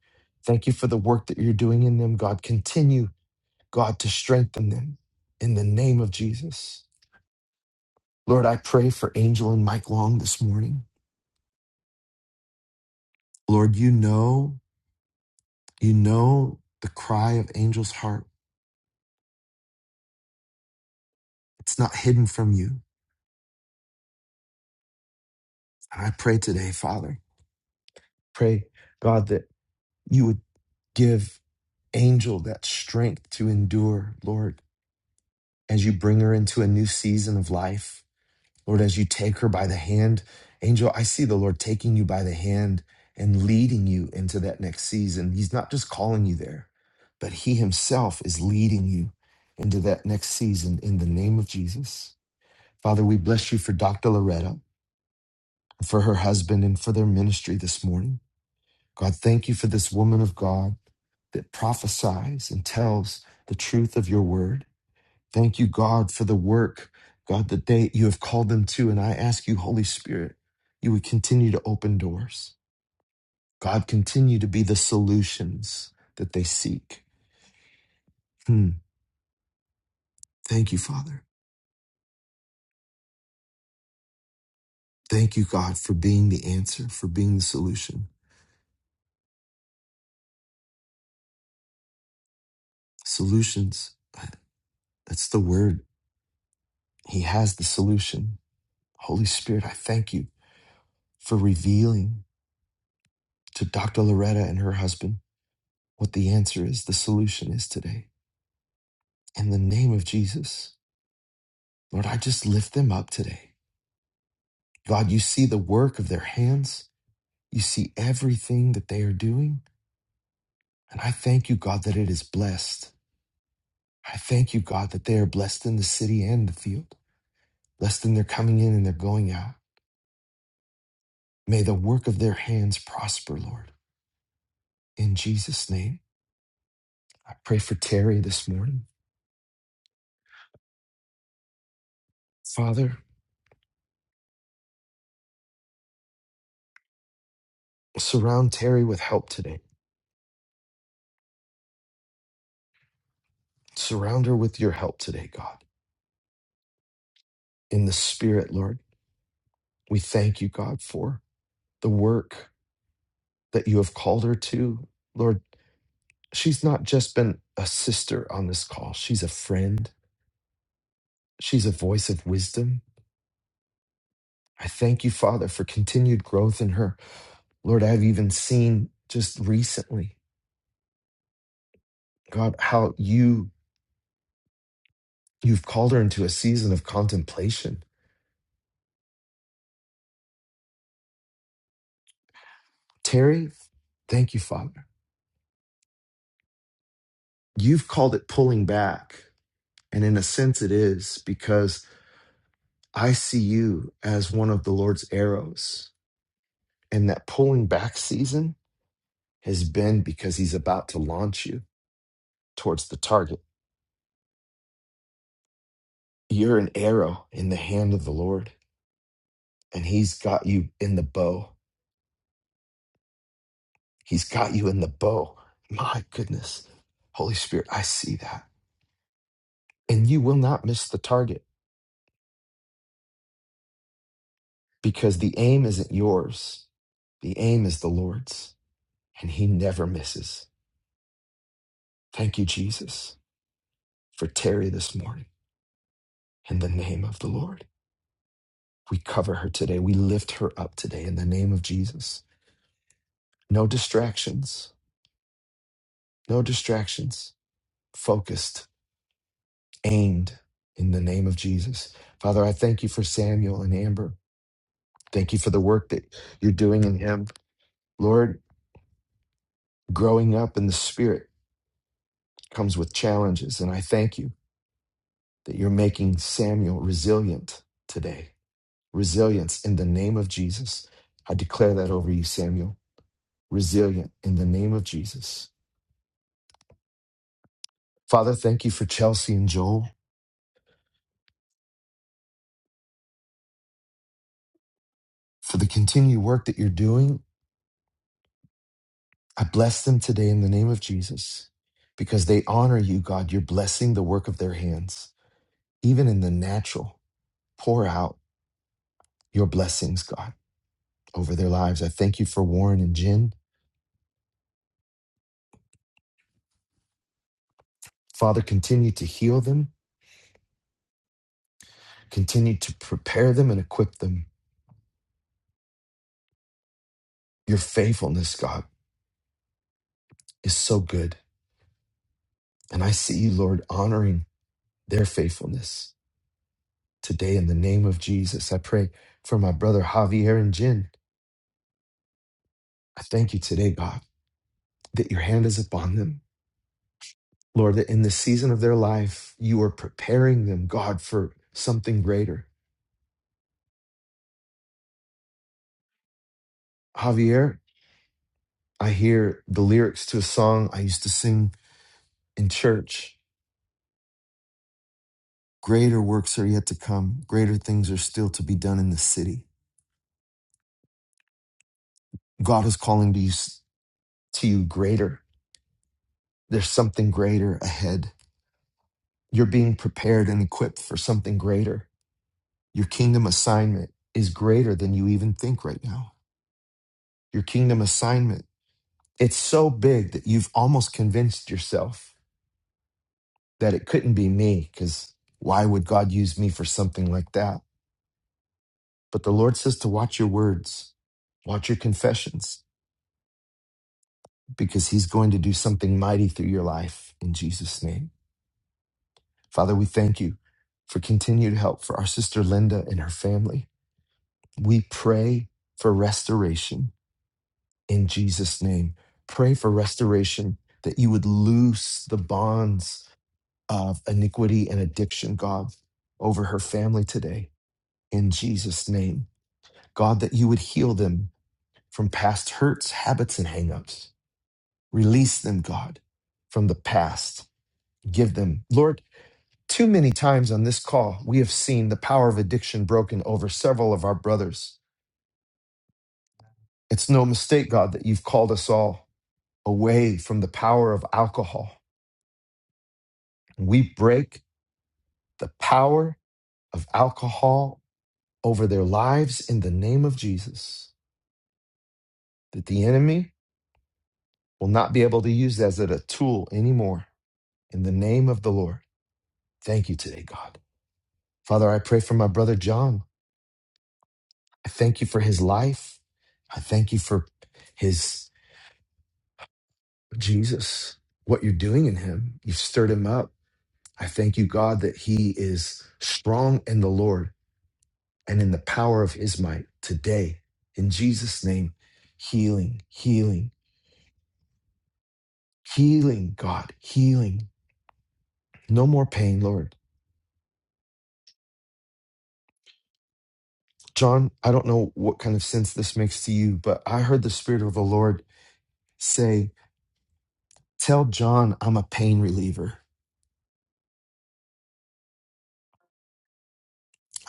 S1: Thank you for the work that you're doing in them, God. Continue God, to strengthen them in the name of Jesus. Lord, I pray for Angel and Mike Long this morning. Lord, you know, you know the cry of Angel's heart. It's not hidden from you. And I pray today, Father, pray, God, that you would give Angel that strength to endure, Lord, as you bring her into a new season of life. Lord, as you take her by the hand, angel, I see the Lord taking you by the hand and leading you into that next season. He's not just calling you there, but He Himself is leading you into that next season in the name of Jesus. Father, we bless you for Dr. Loretta, for her husband, and for their ministry this morning. God, thank you for this woman of God that prophesies and tells the truth of your word. Thank you, God, for the work, God, that they you have called them to. And I ask you, Holy Spirit, you would continue to open doors. God, continue to be the solutions that they seek. Hmm. Thank you, Father. Thank you, God, for being the answer, for being the solution. Solutions, that's the word. He has the solution. Holy Spirit, I thank you for revealing to Dr. Loretta and her husband what the answer is, the solution is today. In the name of Jesus. Lord, I just lift them up today. God, you see the work of their hands, you see everything that they are doing. And I thank you, God, that it is blessed. I thank you, God, that they are blessed in the city and the field, blessed in their coming in and their going out. May the work of their hands prosper, Lord. In Jesus' name, I pray for Terry this morning. Father, surround Terry with help today. Surround her with your help today, God. In the Spirit, Lord, we thank you, God, for the work that you have called her to. Lord, she's not just been a sister on this call, she's a friend, she's a voice of wisdom. I thank you, Father, for continued growth in her. Lord, I've even seen just recently, God, how you you've called her into a season of contemplation. Terry, thank you, Father. You've called it pulling back, and in a sense it is because I see you as one of the Lord's arrows. And that pulling back season has been because he's about to launch you towards the target. You're an arrow in the hand of the Lord, and he's got you in the bow. He's got you in the bow. My goodness. Holy Spirit, I see that. And you will not miss the target because the aim isn't yours, the aim is the Lord's, and he never misses. Thank you, Jesus, for Terry this morning in the name of the Lord. We cover her today. We lift her up today in the name of Jesus. No distractions No distractions, focused, aimed in the name of Jesus. Father, I thank you for Samuel and Amber. Thank you for the work that you're doing in him. Lord, growing up in the spirit comes with challenges, and I thank you that you're making Samuel resilient today. Resilience in the name of Jesus. I declare that over you, Samuel. Resilient in the name of Jesus. Father, thank you for Chelsea and Joel, for the continued work that you're doing I bless them today in the name of Jesus because they honor you, God. You're blessing the work of their hands, even in the natural. Pour out your blessings, God, over their lives. I thank you for Warren and Jen. Father, continue to heal them, continue to prepare them and equip them. Your faithfulness, God, is so good. And I see you, Lord, honoring their faithfulness today in the name of Jesus. I pray for my brother Javier and Jen. I thank you today, God, that your hand is upon them Lord, that in the season of their life, you are preparing them, God, for something greater. Javier, I hear the lyrics to a song I used to sing in church. Greater works are yet to come. Greater things are still to be done in the city. God is calling to you, to you greater. There's something greater ahead. You're being prepared and equipped for something greater. Your kingdom assignment is greater than you even think right now. Your kingdom assignment, it's so big that you've almost convinced yourself that it couldn't be me because why would God use me for something like that? But the Lord says to watch your words, watch your confessions, because He's going to do something mighty through your life in Jesus' name. Father, we thank you for continued help for our sister Linda and her family. We pray for restoration in Jesus' name. Pray for restoration that you would loose the bonds of iniquity and addiction, God, over her family today in Jesus' name. God, that you would heal them from past hurts, habits, and hangups. Release them, God, from the past. Give them, Lord, too many times on this call, we have seen the power of addiction broken over several of our brothers. It's no mistake, God, that you've called us all away from the power of alcohol. We break the power of alcohol over their lives in the name of Jesus, that the enemy will not be able to use that as a tool anymore in the name of the Lord. Thank you today, God. Father, I pray for my brother John. I thank you for his life. I thank you for his Jesus, what you're doing in him. You've stirred him up. I thank you, God, that he is strong in the Lord and in the power of his might today. In Jesus' name, healing, healing, healing, God, healing. No more pain, Lord. John, I don't know what kind of sense this makes to you, but I heard the Spirit of the Lord say, Tell John I'm a pain reliever.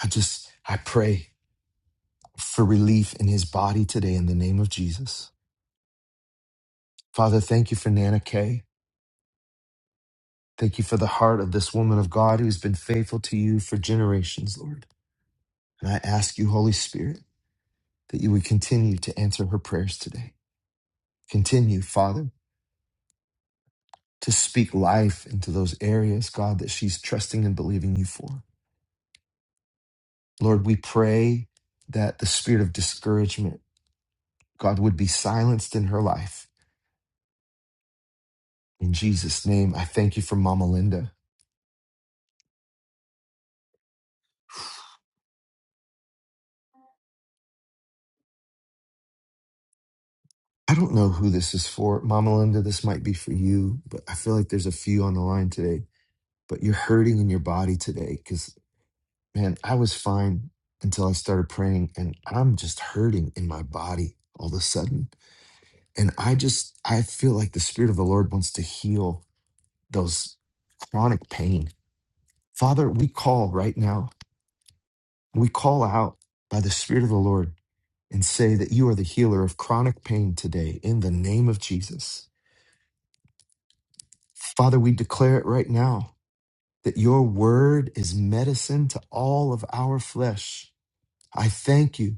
S1: I just, I pray for relief in his body today in the name of Jesus. Father, thank you for Nana Kay. Thank you for the heart of this woman of God who's been faithful to you for generations, Lord. And I ask you, Holy Spirit, that you would continue to answer her prayers today. Continue, Father, to speak life into those areas, God, that she's trusting and believing you for. Lord, we pray that the spirit of discouragement, God, would be silenced in her life In Jesus' name, I thank you for Mama Linda. I don't know who this is for. Mama Linda, this might be for you, but I feel like there's a few on the line today. But you're hurting in your body today because, man, I was fine until I started praying and I'm just hurting in my body all of a sudden. And I just, I feel like the Spirit of the Lord wants to heal those chronic pain. Father, we call right now, we call out by the Spirit of the Lord and say that you are the healer of chronic pain today in the name of Jesus. Father, we declare it right now that your word is medicine to all of our flesh. I thank you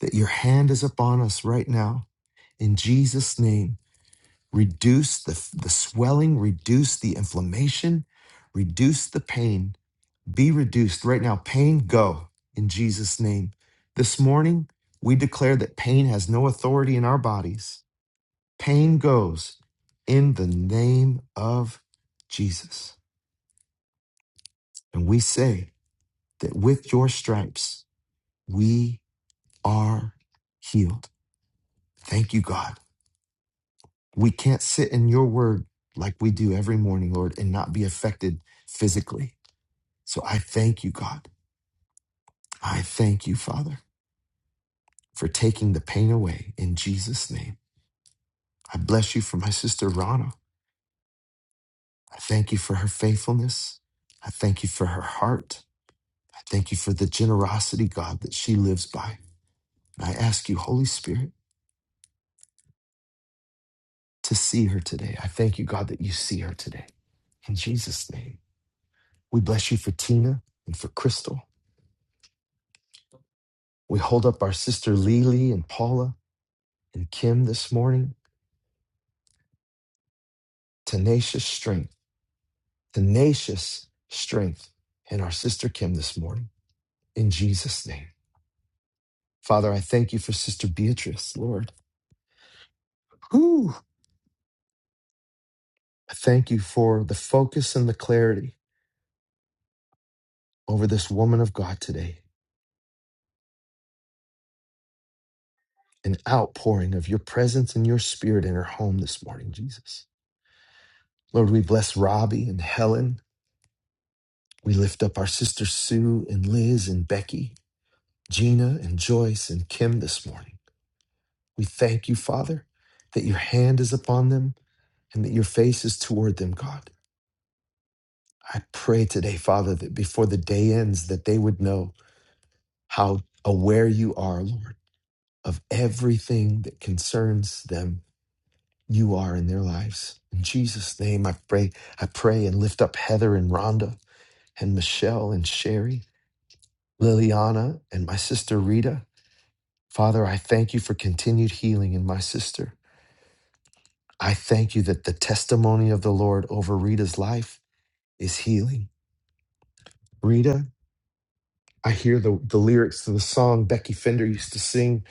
S1: that your hand is upon us right now. In Jesus' name, reduce the, the swelling, reduce the inflammation, reduce the pain. Be reduced right now. Pain, go in Jesus' name. This morning, we declare that pain has no authority in our bodies Pain goes in the name of Jesus. And we say that with your stripes, we are healed. Thank you, God. We can't sit in your word like we do every morning, Lord, and not be affected physically. So I thank you, God. I thank you, Father, for taking the pain away in Jesus' name. I bless you for my sister, Rana. I thank you for her faithfulness. I thank you for her heart. I thank you for the generosity, God, that she lives by. And I ask you, Holy Spirit, to see her today. I thank you, God, that you see her today. In Jesus' name, we bless you for Tina and for Crystal. We hold up our sister Lily and Paula and Kim this morning. Tenacious strength, tenacious strength in our sister Kim this morning. In Jesus' name. Father, I thank you for Sister Beatrice, Lord. Whew. I thank you for the focus and the clarity over this woman of God today. an outpouring of your presence and your spirit in her home this morning, Jesus. Lord, we bless Robbie and Helen. We lift up our sisters Sue and Liz and Becky, Gina and Joyce and Kim this morning. We thank you, Father, that your hand is upon them and that your face is toward them, God. I pray today, Father, that before the day ends, that they would know how aware you are, Lord, of everything that concerns them you are in their lives. In Jesus' name, I pray, I pray and lift up Heather and Rhonda and Michelle and Sherry, Liliana and my sister Rita. Father, I thank you for continued healing in my sister. I thank you that the testimony of the Lord over Rita's life is healing. Rita, I hear the, the lyrics to the song Becky Fender used to sing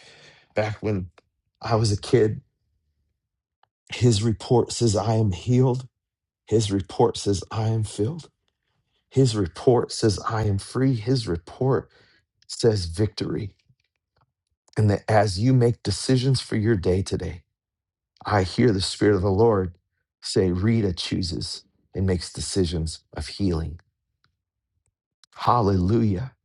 S1: back when I was a kid. His report says, I am healed. His report says, I am filled. His report says, I am free. His report says victory. And that as you make decisions for your day today, I hear the Spirit of the Lord say, Rita chooses and makes decisions of healing. Hallelujah.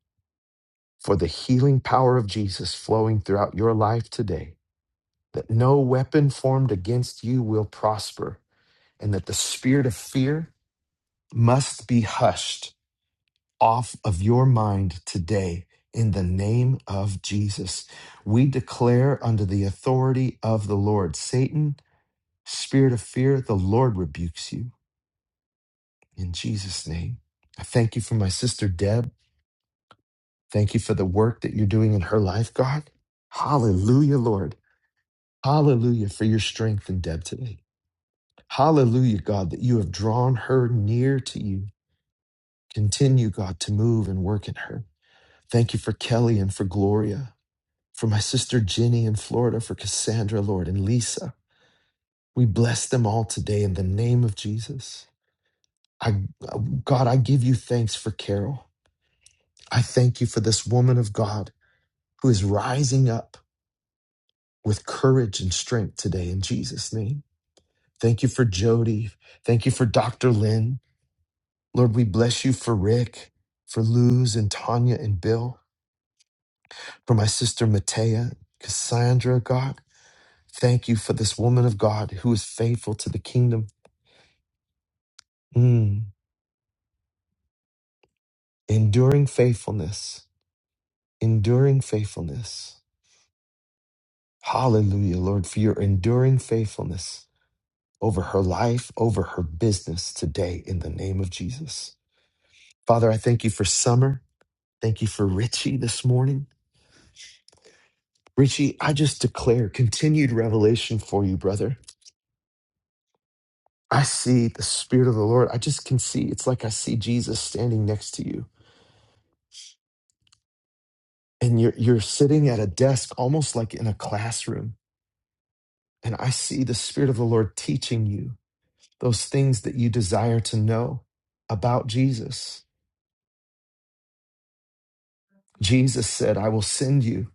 S1: For the healing power of Jesus flowing throughout your life today, that no weapon formed against you will prosper, and that the spirit of fear must be hushed off of your mind today in the name of Jesus. We declare under the authority of the Lord Satan, spirit of fear, the Lord rebukes you in Jesus' name. I thank you for my sister Deb. Thank you for the work that you're doing in her life, God. Hallelujah, Lord. Hallelujah for your strength in Deb today. Hallelujah, God, that you have drawn her near to you. Continue, God, to move and work in her. Thank you for Kelly and for Gloria. for my sister Jenny in Florida, for Cassandra, Lord, and Lisa. We bless them all today in the name of Jesus. I, uh, God, I give you thanks for Carol. I thank you for this woman of God who is rising up with courage and strength today in Jesus' name. Thank you for Jody. Thank you for Dr. Lynn. Lord, we bless you for Rick, for Luz and Tanya and Bill, for my sister Matea, Cassandra, God. Thank you for this woman of God who is faithful to the kingdom Mm. Enduring faithfulness. Enduring faithfulness. Hallelujah, Lord, for your enduring faithfulness over her life, over her business today in the name of Jesus. Father, I thank you for Summer. Thank you for Richie this morning. Richie, I just declare continued revelation for you, brother. I see the Spirit of the Lord. I just can see, it's like I see Jesus standing next to you. And you're, you're sitting at a desk almost like in a classroom And I see the Spirit of the Lord teaching you those things that you desire to know about Jesus. Jesus said, I will send you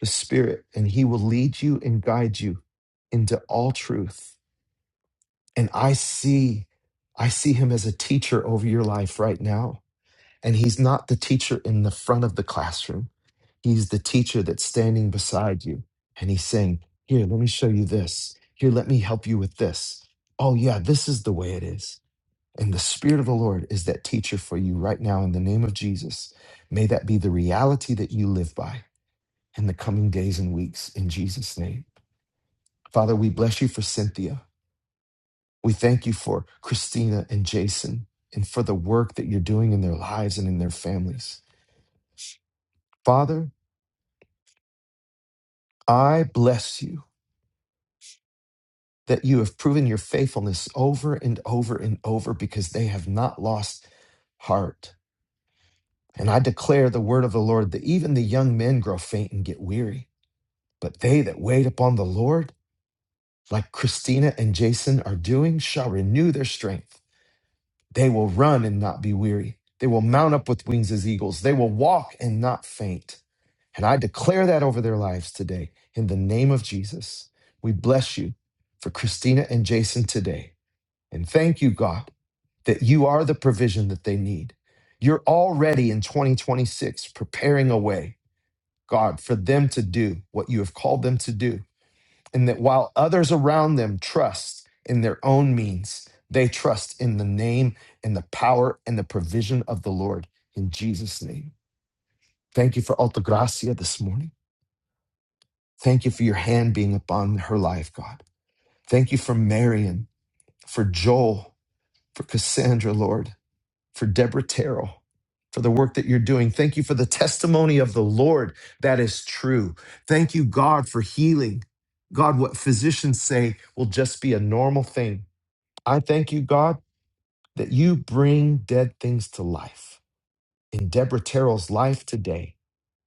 S1: the Spirit, and He will lead you and guide you into all truth. And I see, I see Him as a teacher over your life right now. And He's not the teacher in the front of the classroom, He's the teacher that's standing beside you. And He's saying, Here, let me show you this. Here, let me help you with this. Oh, yeah, this is the way it is. And the Spirit of the Lord is that teacher for you right now in the name of Jesus. May that be the reality that you live by in the coming days and weeks in Jesus' name. Father, we bless you for Cynthia. We thank you for Christina and Jason and for the work that you're doing in their lives and in their families. Father, I bless you that you have proven your faithfulness over and over and over because they have not lost heart. And I declare the word of the Lord that even the young men grow faint and get weary But they that wait upon the Lord, like Christina and Jason are doing, shall renew their strength. They will run and not be weary. They will mount up with wings as eagles. They will walk and not faint. And I declare that over their lives today in the name of Jesus. We bless you for Christina and Jason today. And thank you, God, that you are the provision that they need. You're already in 2026 preparing a way, God, for them to do what you have called them to do and that while others around them trust in their own means, they trust in the name and the power and the provision of the Lord in Jesus' name. Thank you for Alta Gracia this morning. Thank you for your hand being upon her life, God. Thank you for Marion, for Joel, for Cassandra, Lord, for Deborah Terrell, for the work that you're doing. Thank you for the testimony of the Lord that is true. Thank you, God, for healing. God, what physicians say will just be a normal thing I thank you, God, that you bring dead things to life in Deborah Terrell's life today,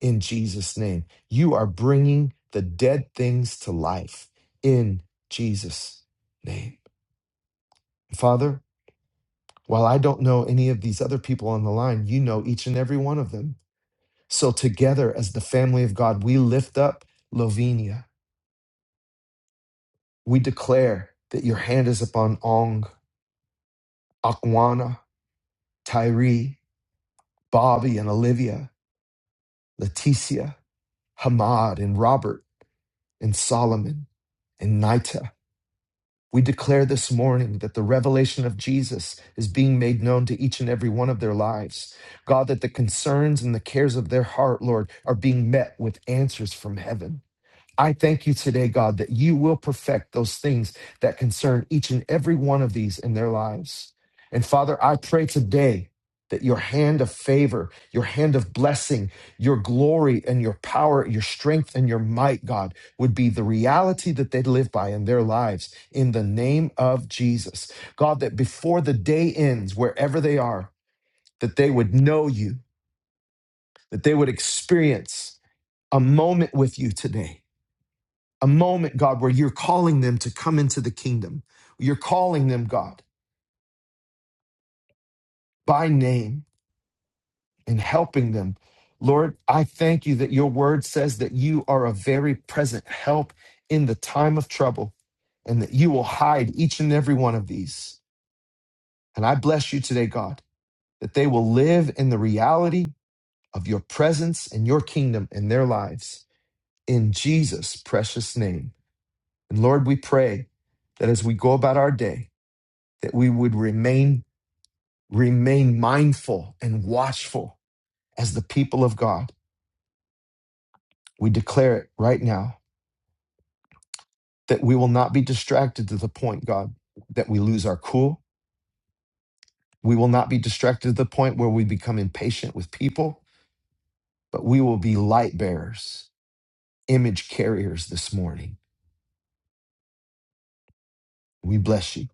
S1: in Jesus' name. You are bringing the dead things to life in Jesus' name. Father, while I don't know any of these other people on the line, you know each and every one of them. So, together as the family of God, we lift up Lovinia. We declare that your hand is upon Ong, Akwana, Tyree, Bobby, and Olivia, Leticia. Hamad and Robert and Solomon and Nita. We declare this morning that the revelation of Jesus is being made known to each and every one of their lives. God, that the concerns and the cares of their heart, Lord, are being met with answers from heaven. I thank you today, God, that you will perfect those things that concern each and every one of these in their lives. And Father, I pray today that your hand of favor, your hand of blessing, your glory and your power, your strength and your might, God, would be the reality that they live by in their lives in the name of Jesus. God, that before the day ends, wherever they are, that they would know you, that they would experience a moment with you today a moment, God, where you're calling them to come into the kingdom. You're calling them, God, by name and helping them. Lord, I thank you that your word says that you are a very present help in the time of trouble and that you will hide each and every one of these. And I bless you today, God, that they will live in the reality of your presence and your kingdom in their lives. In Jesus' precious name. And Lord, we pray that as we go about our day, that we would remain Remain mindful and watchful as the people of God. We declare it right now that we will not be distracted to the point, God, that we lose our cool. We will not be distracted to the point where we become impatient with people, but we will be light bearers, image carriers this morning. We bless you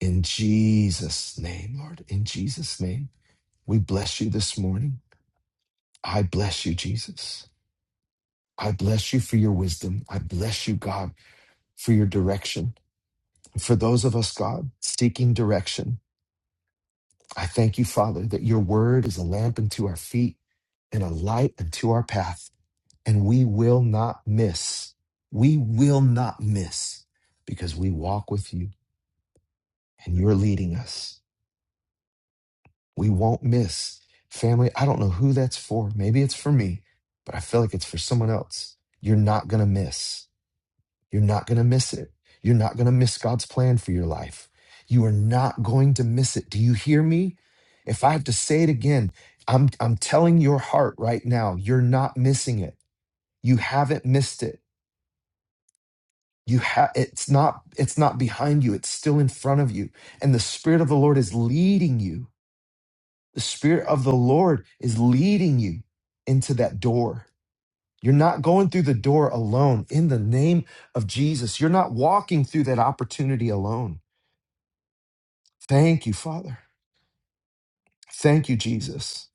S1: in Jesus' name, Lord. In Jesus' name, we bless you this morning. I bless you, Jesus. I bless you for your wisdom. I bless you, God, for your direction. For those of us, God, seeking direction, I thank you, Father, that your word is a lamp unto our feet and a light unto our path, and we will not miss. We will not miss because we walk with you and you're leading us. We won't miss. Family, I don't know who that's for. Maybe it's for me, but I feel like it's for someone else. You're not going to miss. You're not going to miss it. You're not going to miss God's plan for your life. You are not going to miss it. Do you hear me? If I have to say it again, I'm, I'm telling your heart right now, you're not missing it. You haven't missed it. You have it's not it's not behind you, it's still in front of you. And the Spirit of the Lord is leading you. The Spirit of the Lord is leading you into that door. You're not going through the door alone in the name of Jesus. You're not walking through that opportunity alone. Thank you, Father. Thank you, Jesus.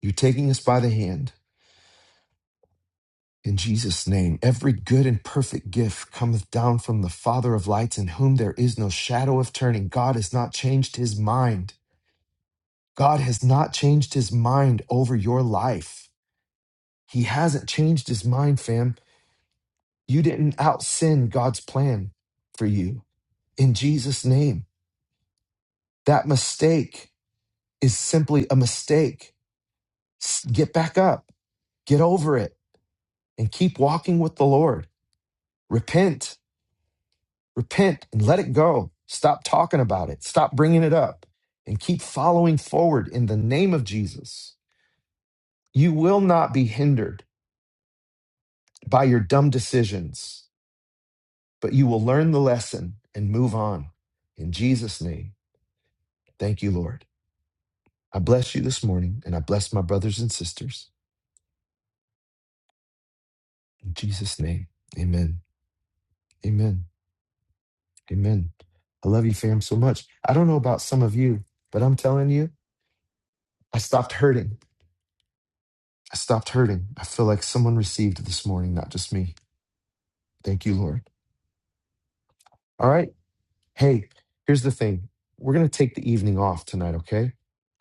S1: You're taking us by the hand. In Jesus' name, every good and perfect gift cometh down from the Father of lights, in whom there is no shadow of turning. God has not changed his mind. God has not changed his mind over your life. He hasn't changed his mind, fam. You didn't out sin God's plan for you. In Jesus' name, that mistake is simply a mistake. S- Get back up, get over it and keep walking with the Lord. Repent, repent, and let it go. Stop talking about it, stop bringing it up, and keep following forward in the name of Jesus. You will not be hindered by your dumb decisions, but you will learn the lesson and move on. In Jesus' name, thank you, Lord. I bless you this morning, and I bless my brothers and sisters. In Jesus' name, amen. Amen. Amen. I love you, fam, so much. I don't know about some of you, but I'm telling you, I stopped hurting I stopped hurting. I feel like someone received it this morning, not just me. Thank you, Lord. All right. Hey, here's the thing we're going to take the evening off tonight, okay?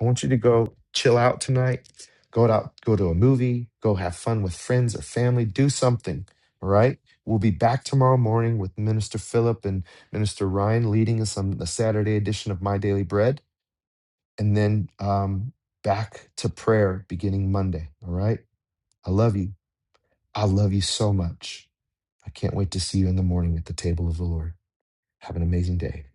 S1: I want you to go chill out tonight, go out, go to a movie, go have fun with friends or family, do something, all right? We'll be back tomorrow morning with Minister Philip and Minister Ryan leading us on the Saturday edition of My Daily Bread, and then um, back to prayer beginning Monday, all right? I love you. I love you so much. I can't wait to see you in the morning at the table of the Lord. Have an amazing day.